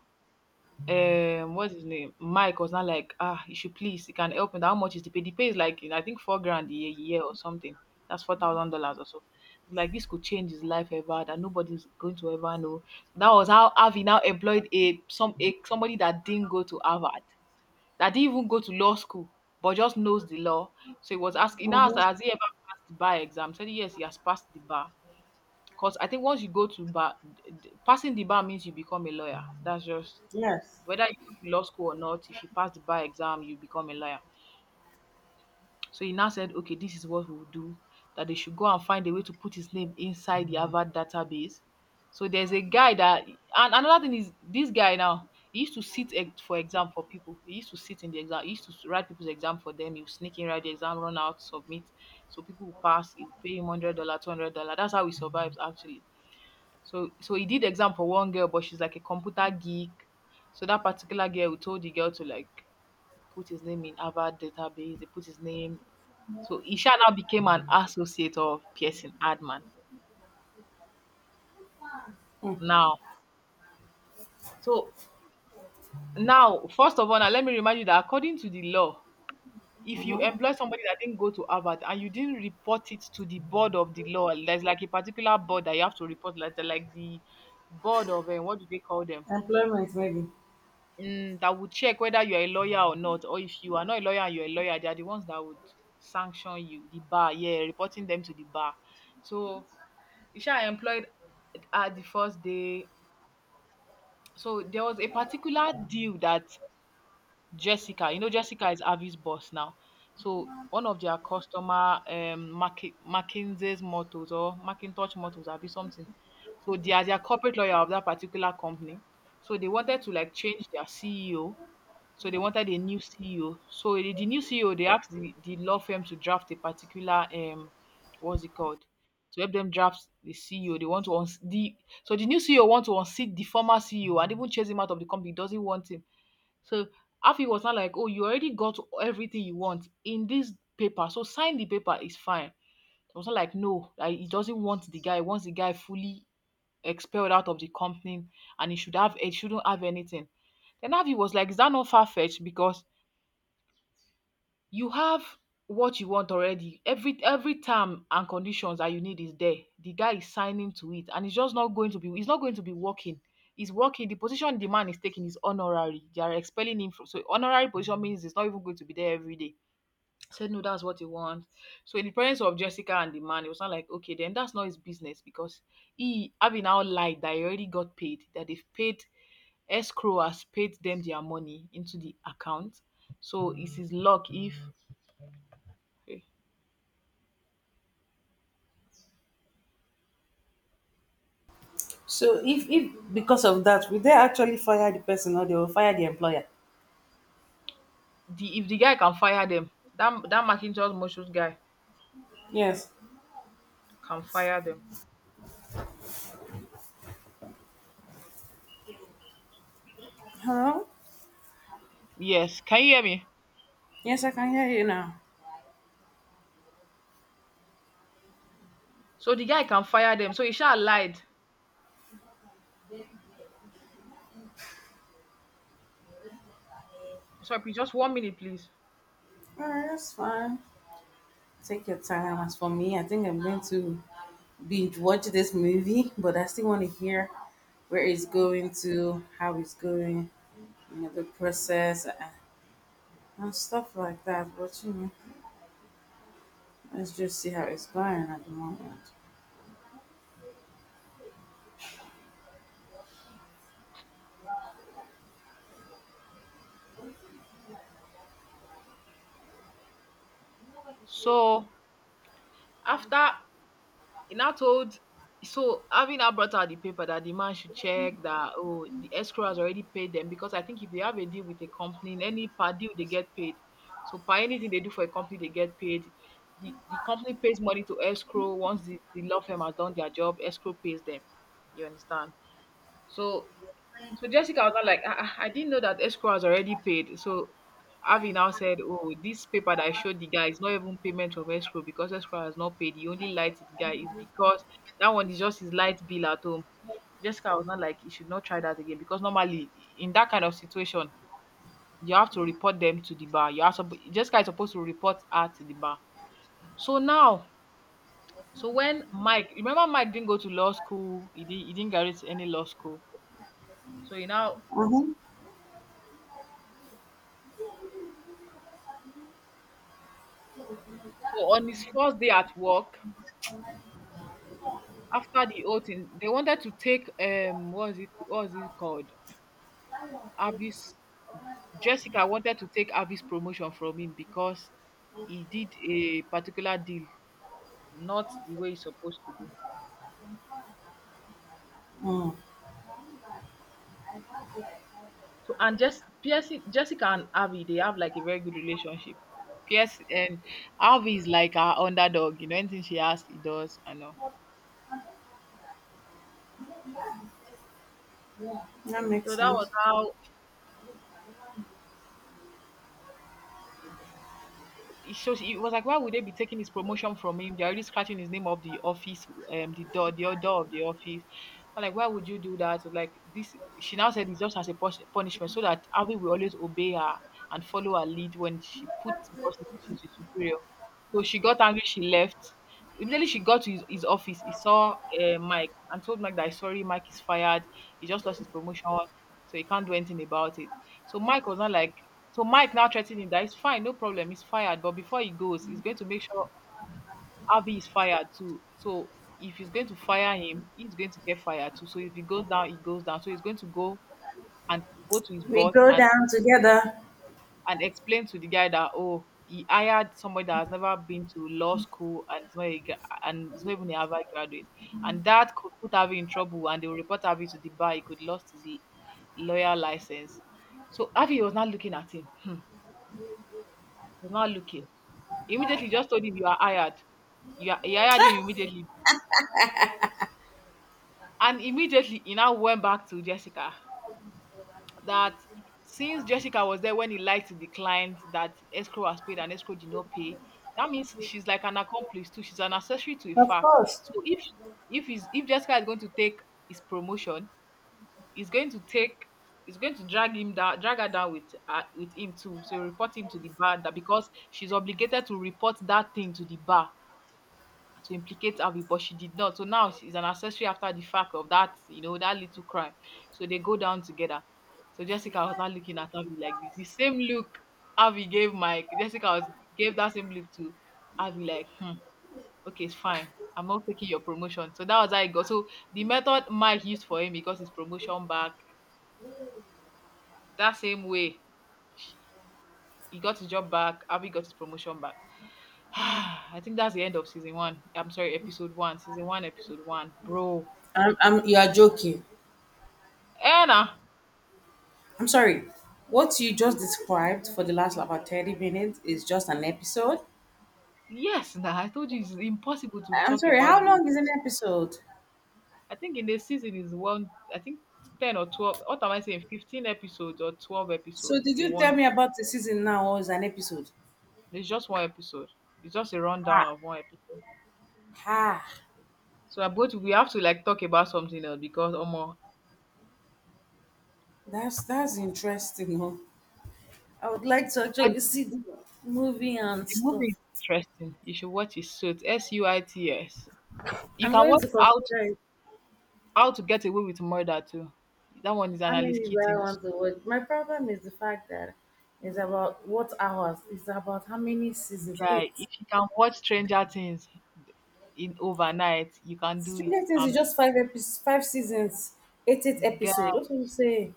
S1: um what's his name, Mike, was not like, ah, you should please you can help me how much is the pay? The pay is like, you know, I think four grand a year year or something. That's four thousand dollars or so. Like this could change his life ever that nobody's going to ever know. That was how Avi now employed a some a somebody that didn't go to Harvard, that didn't even go to law school, but just knows the law. So he was asking now asked,
S2: Mm-hmm.
S1: has he ever passed the bar exam? Said, yes, he has passed the bar because I think once you go to bar d- d- passing the bar means you become a lawyer. That's just
S2: Yes.
S1: whether you go to law school or not, if you pass the bar exam, you become a lawyer. So he now said, okay, this is what we'll do. That they should go and find a way to put his name inside the Harvard database. So there's a guy that, and another thing is, this guy now, he used to sit ex- for exam for people. He used to sit in the exam. He used to write people's exam for them. He would sneak in, write the exam, run out, submit. So people would pass. He would pay him one hundred dollars two hundred dollars. That's how he survives, actually. So so he did exam for one girl, but she's like a computer geek. So that particular girl told the girl to like put his name in Harvard database. They put his name. So Isha now became an associate of Pearson Adman. Now, so now, first of all, now let me remind you that according to the law, if you
S2: Mm-hmm.
S1: employ somebody that didn't go to Harvard and you didn't report it to the board of the law, there's like a particular board that you have to report, like, like the board of um, what do they call them?
S2: Employment maybe.
S1: Um, that would check whether you are a lawyer or not, or if you are not a lawyer and you're a lawyer, they are the ones that would sanction you the bar, yeah, reporting them to the bar. So you sha employed at the first day. So there was a particular deal that Jessica, you know, Jessica is Avi's boss now. So one of their customer um Mac- McKinsey's mottos or Macintosh mottos, I'll be something. So they are their corporate lawyer of that particular company. So they wanted to like change their C E O. So they wanted a new C E O. So the, the new C E O, they asked the, the law firm to draft a particular um what's it called? To help them draft the C E O. They want to uns- the so the new C E O wants to unseat the former C E O and even chase him out of the company. He doesn't want him. So Afi was not like, oh, you already got everything you want in this paper. So sign the paper is fine. It was not like no, like, he doesn't want the guy, he wants the guy fully expelled out of the company, and he should have he shouldn't have anything. Then Avi was like, is that not far fetched? Because you have what you want already. Every every term and conditions that you need is there. The guy is signing to it and it's just not going to be it's not going to be working. It's working. The position the man is taking is honorary. They are expelling him from so honorary position means it's not even going to be there every day. Said no, that's what he wants. So in the presence of Jessica and the man, it was not like okay, then that's not his business because he having now lied that he already got paid, that they've paid escrow has paid them their money into the account. So it's his luck if
S2: So if if because of that, will they actually fire the person or they will fire the employer?
S1: the if the guy can fire them, that that Marquinhos Motions guy
S2: Yes.
S1: can fire them.
S2: Hello?
S1: Yes. Can you hear me?
S2: Yes, I can hear you now.
S1: So the guy can fire them. So Isha lied. Sorry, please, just one minute, please.
S2: All right, that's fine. Take your time. As for me, I think I'm going to binge watch this movie, but I still want to hear where it's going to, how it's going, you know, the process, uh, and stuff like that. But you know, let's just see how it's going at the moment.
S1: So after He now told so having now brought out the paper that the man should check that, oh, the escrow has already paid them because I think if they have a deal with a company, in any per deal they get paid. So per anything they do for a company, they get paid. The the company pays money to escrow once the, the law firm has done their job, escrow pays them. You understand? So so Jessica was not like, "Ah, ah, I didn't know that escrow has already paid. So Avi now said, "Oh, this paper that I showed the guy is not even payment of escrow because escrow has not paid. He only lied to the guy is because that one is just his light bill at home." Jessica was not like, "You should not try that again because normally in that kind of situation, you have to report them to the bar." You are suppo- Jessica is supposed to report her to the bar. So now, so when Mike, remember Mike didn't go to law school, he, did, he didn't graduate any law school. So he now
S2: Mhm.
S1: So on his first day at work, after the whole thing, they wanted to take um what is it, what is it called? Avis Jessica wanted to take Avi's promotion from him because he did a particular deal, not the way he's supposed to do.
S2: Mm,
S1: So and just Pierce, Jessica and Avi, they have like a very good relationship. Pierce and Avi is like our underdog, you know, anything she asks, he does, I know.
S2: that makes
S1: So that was
S2: sense.
S1: how so she- it was like, why would they be taking his promotion from him? They're already scratching his name off the office, um, the door, the door of the office. I'm like, why would you do that? So, like this, she now said it's just as a pus- punishment, so that Abby will always obey her and follow her lead when she put because she's the superior. So she got angry, she left. Immediately she got to his, his office, he saw uh, Mike and told Mike that sorry, Mike is fired. He just lost his promotion, so he can't do anything about it. So Mike was not like, so Mike now threatened him that it's fine, no problem, he's fired. But before he goes, he's going to make sure Avi is fired too. So if he's going to fire him, he's going to get fired too. So if he goes down, he goes down. So he's going to go and go to his
S2: We
S1: boss
S2: go
S1: and
S2: down together.
S1: and explain to the guy that oh he hired somebody that has never been to law school and is not a, gra- and is not even a Harvard graduate, and that could put Avi in trouble and they will report Avi to the bar. He could lost his l- lawyer license. So Avi was not looking at him. was not looking. Immediately just told him you are hired. You are, he hired him immediately. And immediately he now went back to Jessica that since Jessica was there when he lied to the client that escrow was paid and escrow did not pay, that means she's like an accomplice too. She's an accessory to a
S2: Of
S1: fact.
S2: course.
S1: So if if he's, if Jessica is going to take his promotion, he's going to take he's going to drag him down, drag her down with uh, with him too. So he report him to the bar that because she's obligated to report that thing to the bar to implicate Abby, but she did not. So now she's an accessory after the fact of that, you know, that little crime. So they go down together. So Jessica was not looking at Abby like this. The same look Abby gave Mike. Jessica was gave that same look to Abby, like, hmm, okay, it's fine. I'm not taking your promotion. So that was how it got. So the method Mike used for him, he got his promotion back. That same way, she, he got his job back. Abby got his promotion back. I think that's the end of season one. I'm sorry, episode one. Season one, episode one, bro.
S2: I'm, I'm, you are joking.
S1: Anna,
S2: I'm sorry. What you just described for the last about thirty minutes is just an episode.
S1: yes, nah. I told you it's impossible to
S2: I'm
S1: talk
S2: sorry,
S1: about
S2: how
S1: the.
S2: long is an episode?
S1: I think in the season is one. I think ten or twelve. What am I saying? Fifteen episodes or twelve
S2: So
S1: episodes
S2: did
S1: in
S2: you tell
S1: one.
S2: me about the season now or is an episode?
S1: There's just one episode. It's just a
S2: Ah,
S1: rundown of one episode.
S2: ah,
S1: So I both we have to like talk about something else because Omo,
S2: that's that's interesting. Huh? I would like to
S1: but
S2: actually see the movie
S1: the
S2: and
S1: movie is
S2: stuff.
S1: interesting. You should watch it. Suits, S U I T S. You
S2: I'm
S1: can
S2: going
S1: watch
S2: to
S1: How to
S2: consider it.
S1: How to Get Away with Murder too. That one is
S2: How
S1: Annalise
S2: many do I
S1: Keating. This
S2: want to watch? My problem is the fact that it's about what hours? It's about how many seasons?
S1: guy,
S2: Eight.
S1: if you can watch Stranger Things in overnight, you can do it.
S2: Stranger Things is
S1: Um,
S2: just five episodes, five seasons, eight eight
S1: guy,
S2: episode. What do you say?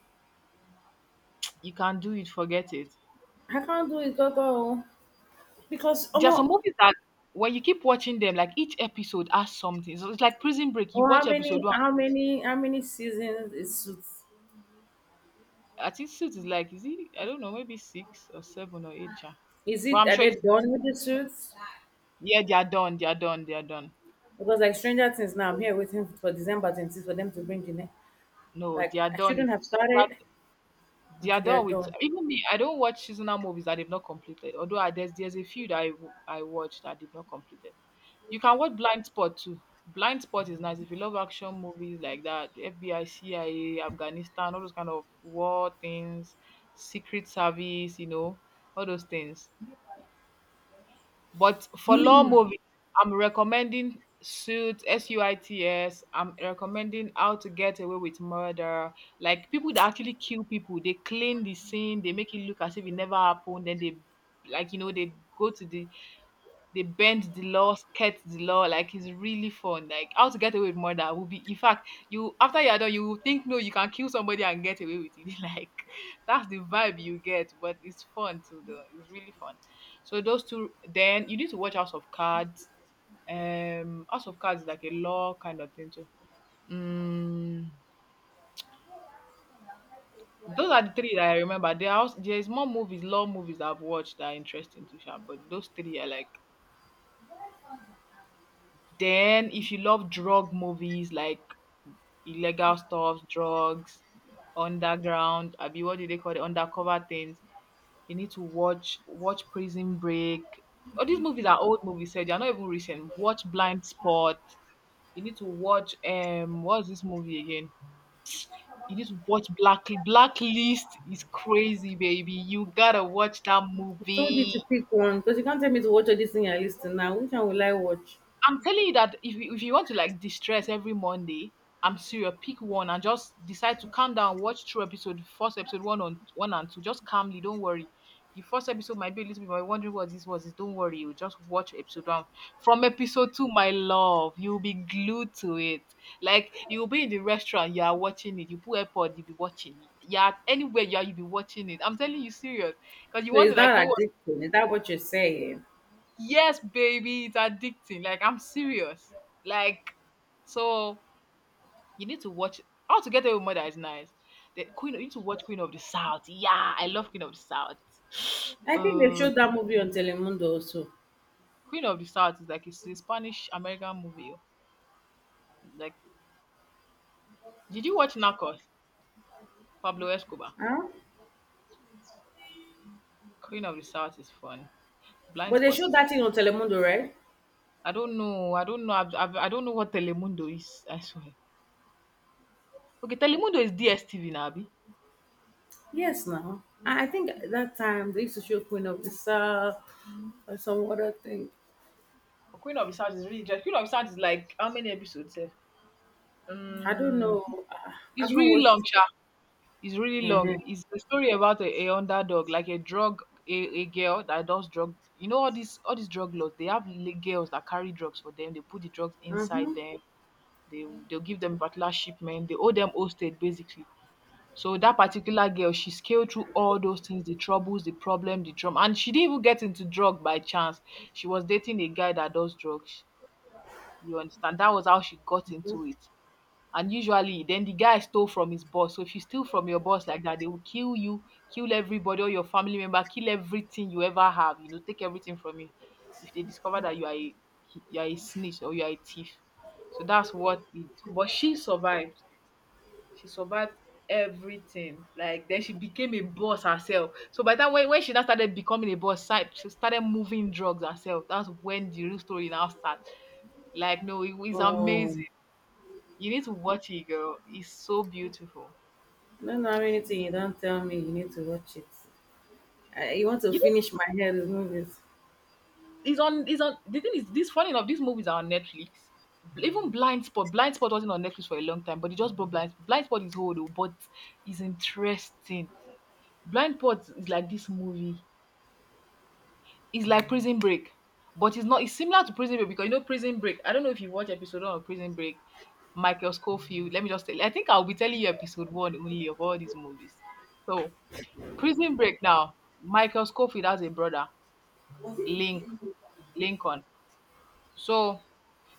S1: you can do it. Forget it.
S2: I can't do it, Gogo. Because
S1: There are some
S2: Omo,
S1: movies that when you keep watching them, like each episode has something. So it's like Prison Break. You
S2: oh, how
S1: watch episode
S2: many,
S1: one.
S2: how many, how many seasons is Suits?
S1: I think suit is like is it? I don't know, maybe six or seven or eight, sha.
S2: Is
S1: But
S2: it
S1: I'm
S2: are
S1: sure
S2: they
S1: it's
S2: done with the Suits?
S1: yeah. They are done. They are done. They are done.
S2: Because like Stranger Things now, I'm here waiting for December twenty-sixth for them to bring the next.
S1: No, they
S2: Like
S1: are
S2: I
S1: done.
S2: shouldn't have
S1: They are
S2: started
S1: they are
S2: until they are
S1: done with
S2: done.
S1: even me. I don't watch seasonal movies that they've not completed. Although I, there's there's a few that I w- I watch that they've not completed. You can watch Blind Spot too. Blind Spot is nice if you love action movies like that, the F B I, C I A, Afghanistan, all those kind of war things, Secret Service, you know, all those things. But for long movie, I'm recommending Suits, S U I T S. I'm recommending How to Get Away with Murder. Like people that actually kill people, they clean the scene, they make it look as if it never happened. Then they, like you know, they go to the they bend the law, skirt the law. Like it's really fun. Like how to get away with murder will be in fact you after you're done, you will think no, you can kill somebody and get away with it. Like that's the vibe you get, but it's fun too though. It's really fun. So those two, then you need to watch House of Cards. Um House of Cards is like a law kind of thing too. Mm, those are the three that I remember. There are, als- there's more movies, law movies that I've watched that are interesting to share, but those three are like then if you love drug movies like illegal stuff, drugs, underground, I mean, what do they call it? Undercover things. You need to watch watch Prison Break. All these movies are old movies, so they are not even recent. Watch Blind Spot. You need to watch um what's this movie again? You need to watch Black Blacklist is crazy, baby. You gotta watch that
S2: I told you
S1: movie.
S2: to pick one because you can't tell me to watch all this thing you're listing now. Which one will I watch?
S1: I'm telling you that if you if you want to like distress every Monday, I'm serious. Pick one and just decide to calm down. Watch through episode first, episode one on one and two. Just calmly, don't worry. The first episode might be a little bit. You're wondering what this was. This don't worry. You just watch episode one. From episode two, my love, you'll be glued to it. Like you'll be in the restaurant, you are watching it. You put airpod, you'll be watching it. Yeah, anywhere you are, you'll be watching it. I'm telling you, serious, because you
S2: So
S1: want
S2: is
S1: to like
S2: that
S1: know
S2: addicting? Is that what you're saying?
S1: Yes, baby, it's addicting. Like I'm serious. Like so you need to watch How to Get Away with Murder is nice. The Queen you need to watch Queen of the South. Yeah, I love Queen of the South.
S2: I think they
S1: Uh,
S2: showed that movie on Telemundo also.
S1: Queen of the South is like it's a Spanish American movie. Oh. Like did you watch Narcos? Pablo Escobar.
S2: Huh?
S1: Queen of the South is fun. Blind
S2: But they
S1: Spot
S2: showed
S1: is
S2: that
S1: fun.
S2: thing on Telemundo, right?
S1: I don't know. I don't know. I've, I've, I don't know what Telemundo is. I swear. Okay, Telemundo is D S T V now,
S2: Yes, now. I I think at that time they used to show Queen of the South or some other thing.
S1: Queen of the South is really just Queen of the South is like how many episodes, sef?
S2: I don't
S1: Um,
S2: know. Uh, I've
S1: it's
S2: not
S1: really long,
S2: watched.
S1: Sha. It's really long.
S2: Uh-huh.
S1: It's a story about a, a underdog, like a drug, a, a girl that does drug. You know all these all these drug lords. They have li- girls that carry drugs for them. They put the drugs inside
S2: Uh-huh.
S1: them. They they'll give them particular shipment. They owe them hostage basically. So that particular girl, she scaled through all those things, the troubles, the problem, the trauma, and she didn't even get into drug by chance. She was dating a guy that does drugs. You understand? That was how she got into it. And usually, then the guy stole from his boss. So if you steal from your boss like that, they will kill you, kill everybody, all your family member, kill everything you ever have. You know, take everything from you. If they discover that you are a you are a snitch or you are a thief, so that's what. It, but she survived. She survived everything. Like then she became a boss herself. So by the time when, when she now started becoming a boss, side she started moving drugs herself. That's when the real story now starts. Like no, it is
S2: Oh,
S1: amazing. You need to watch it, girl. It's so beautiful.
S2: no, no, anything. You don't tell me. You need to watch it. Uh, you want to
S1: You know,
S2: finish my head with movies?
S1: it's on. It's on. The thing is, this funny enough, these movies are on Netflix. Bl- Even Blind Spot, Blind Spot wasn't on Netflix for a long time, but it just brought Blind Blind Spot is old, oh, but it's interesting. Blind Spot is like this movie. It's like Prison Break, but it's not. It's similar to Prison Break because you know Prison Break. I don't know if you watch episode one of Prison Break. Michael Scofield. Let me just tell. I think I'll be telling you episode one only of all these movies. So Prison Break now. Michael Scofield has a brother, Link Lincoln. So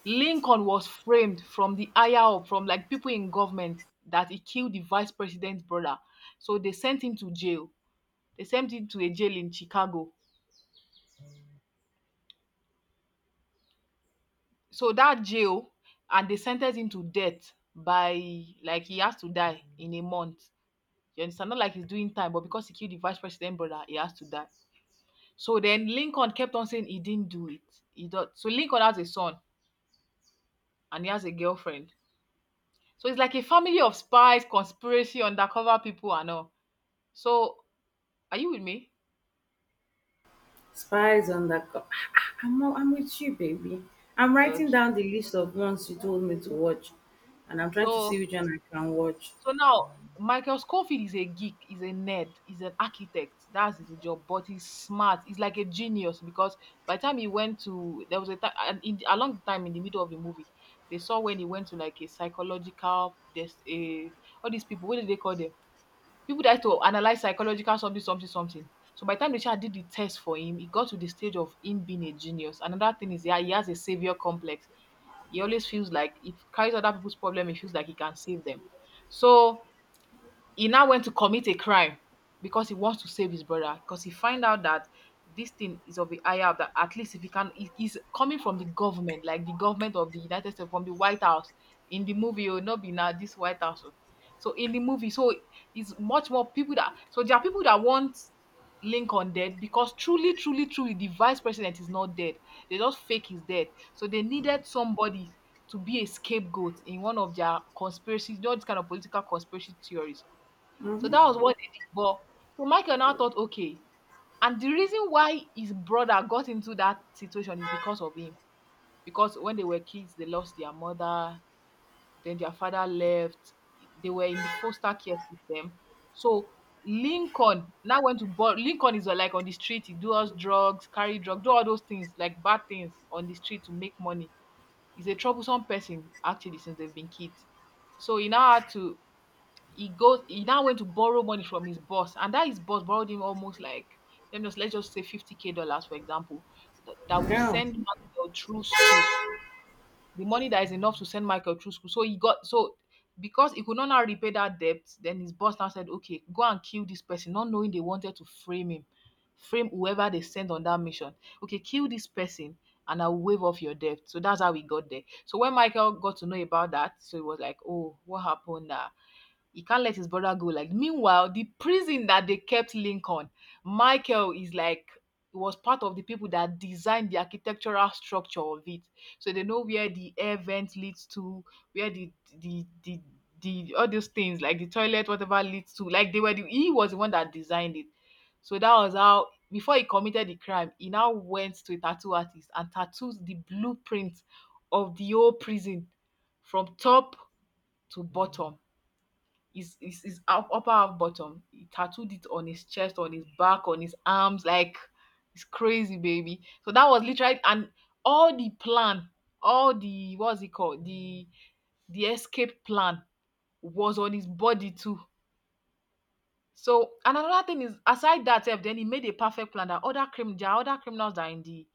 S1: Lincoln was framed from the higher up, from like people in government, that he killed the vice president's brother. So they sent him to jail. They sent him to a jail in Chicago, so that jail, and they sentenced him to death. By like, he has to die in a month, you understand? Not like he's doing time, but because he killed the vice president brother, he has to die. So then Lincoln kept on saying he didn't do it. He does. So Lincoln has a son and he has a girlfriend. So it's like a family of spies, conspiracy, undercover people and all. So are you with me?
S2: Spies on the. Co- I'm not- I'm with you, baby. I'm writing
S1: Okay.
S2: down the list of ones you told me to watch, and I'm trying to
S1: So,
S2: see which one I can watch.
S1: so now Michael Scofield is a geek, he's a nerd, he's an architect. That's his job, but he's smart. He's like a genius because by the time he went to, there was a time, and in, along the time in the middle of the movie, they saw when he went to like a psychological, there's a all these people, what did they call them? People that had to analyze psychological something, something, something. So by the time the child did the test for him, he got to the stage of him being a genius. Another thing is, yeah, he has a savior complex. He always feels like if carries other people's problem, he feels like he can save them. So he now went to commit a crime because he wants to save his brother, because he find out that this thing is of the higher of that, at least if he can, it is coming from the government, like the government of the United States, from the White House in the movie. Oh, not be now this White House, oh. So in the movie, so it's much more people that, so there are people that want Lincoln dead, because truly, truly, truly the vice president is not dead. They just fake his death. So they needed somebody to be a scapegoat in one of their conspiracy, you know, this kind of political conspiracy theories. So
S2: Mm-hmm.
S1: that was what they did. But so Michael now thought, okay. And the reason why his brother got into that situation is because of him. Because when they were kids, they lost their mother, then their father left. They were in the foster care system. So Lincoln now went to, but Lincoln is uh, like on the street, he does drugs, carry drugs, do all those things, like bad things on the street to make money. He's a troublesome person, actually, since they've been kids. So he now had to, he goes he now went to borrow money from his boss, and that his boss borrowed him almost like, let me just, let's just say 50k dollars for example, that, that will
S2: Yeah.
S1: send Michael through school. The money that is enough to send Michael through school. So he got, so because he could not now repay that debt, then his boss now said, okay, go and kill this person, not knowing they wanted to frame him, frame whoever they send on that mission. Okay, kill this person and I'll waive off your debt. So that's how we got there. So when Michael got to know about that, so he was like, oh, what happened? Uh, he can't let his brother go. Like, meanwhile, the prison that they kept Lincoln, Michael is like, was part of the people that designed the architectural structure of it. So they know where the air vent leads to, where the the the the, all those things like the toilet, whatever leads to. Like they were the, he was the one that designed it. So that was how, before he committed the crime, he now went to a tattoo artist and tattooed the blueprint of the whole prison from top to bottom. His his his up- upper half bottom. He tattooed it on his chest, on his back, on his arms. Like, it's crazy, baby. So that was literally, and all the plan, all the, what's it called? The the escape plan was on his body too. So and another thing is aside that sef, then he made a perfect plan that other crim there are other criminals that are in the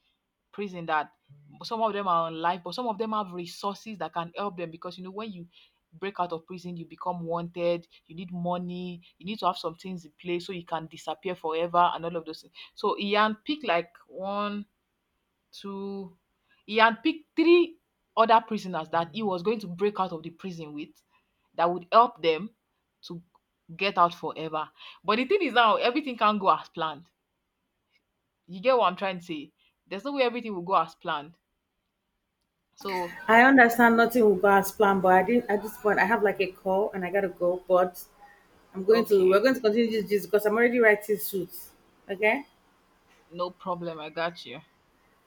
S1: prison, that some of them are on life, but some of them have resources that can help them, because you know when you break out of prison, you become wanted, you need money, you need to have some things in place so you can disappear forever and all of those things. So he handpicked like one, two, he handpicked three other prisoners that he was going to break out of the prison with, that would help them to get out forever. But the thing is now, everything can't go as planned. You get what I'm trying to say? There's no way everything will go as planned. So,
S2: I understand nothing will go as planned, but I didn't at this point I have like a call and I gotta go. But I'm going to we're
S1: okay,
S2: going to continue this, this because I'm already writing suits. Okay?
S1: no problem. I got you.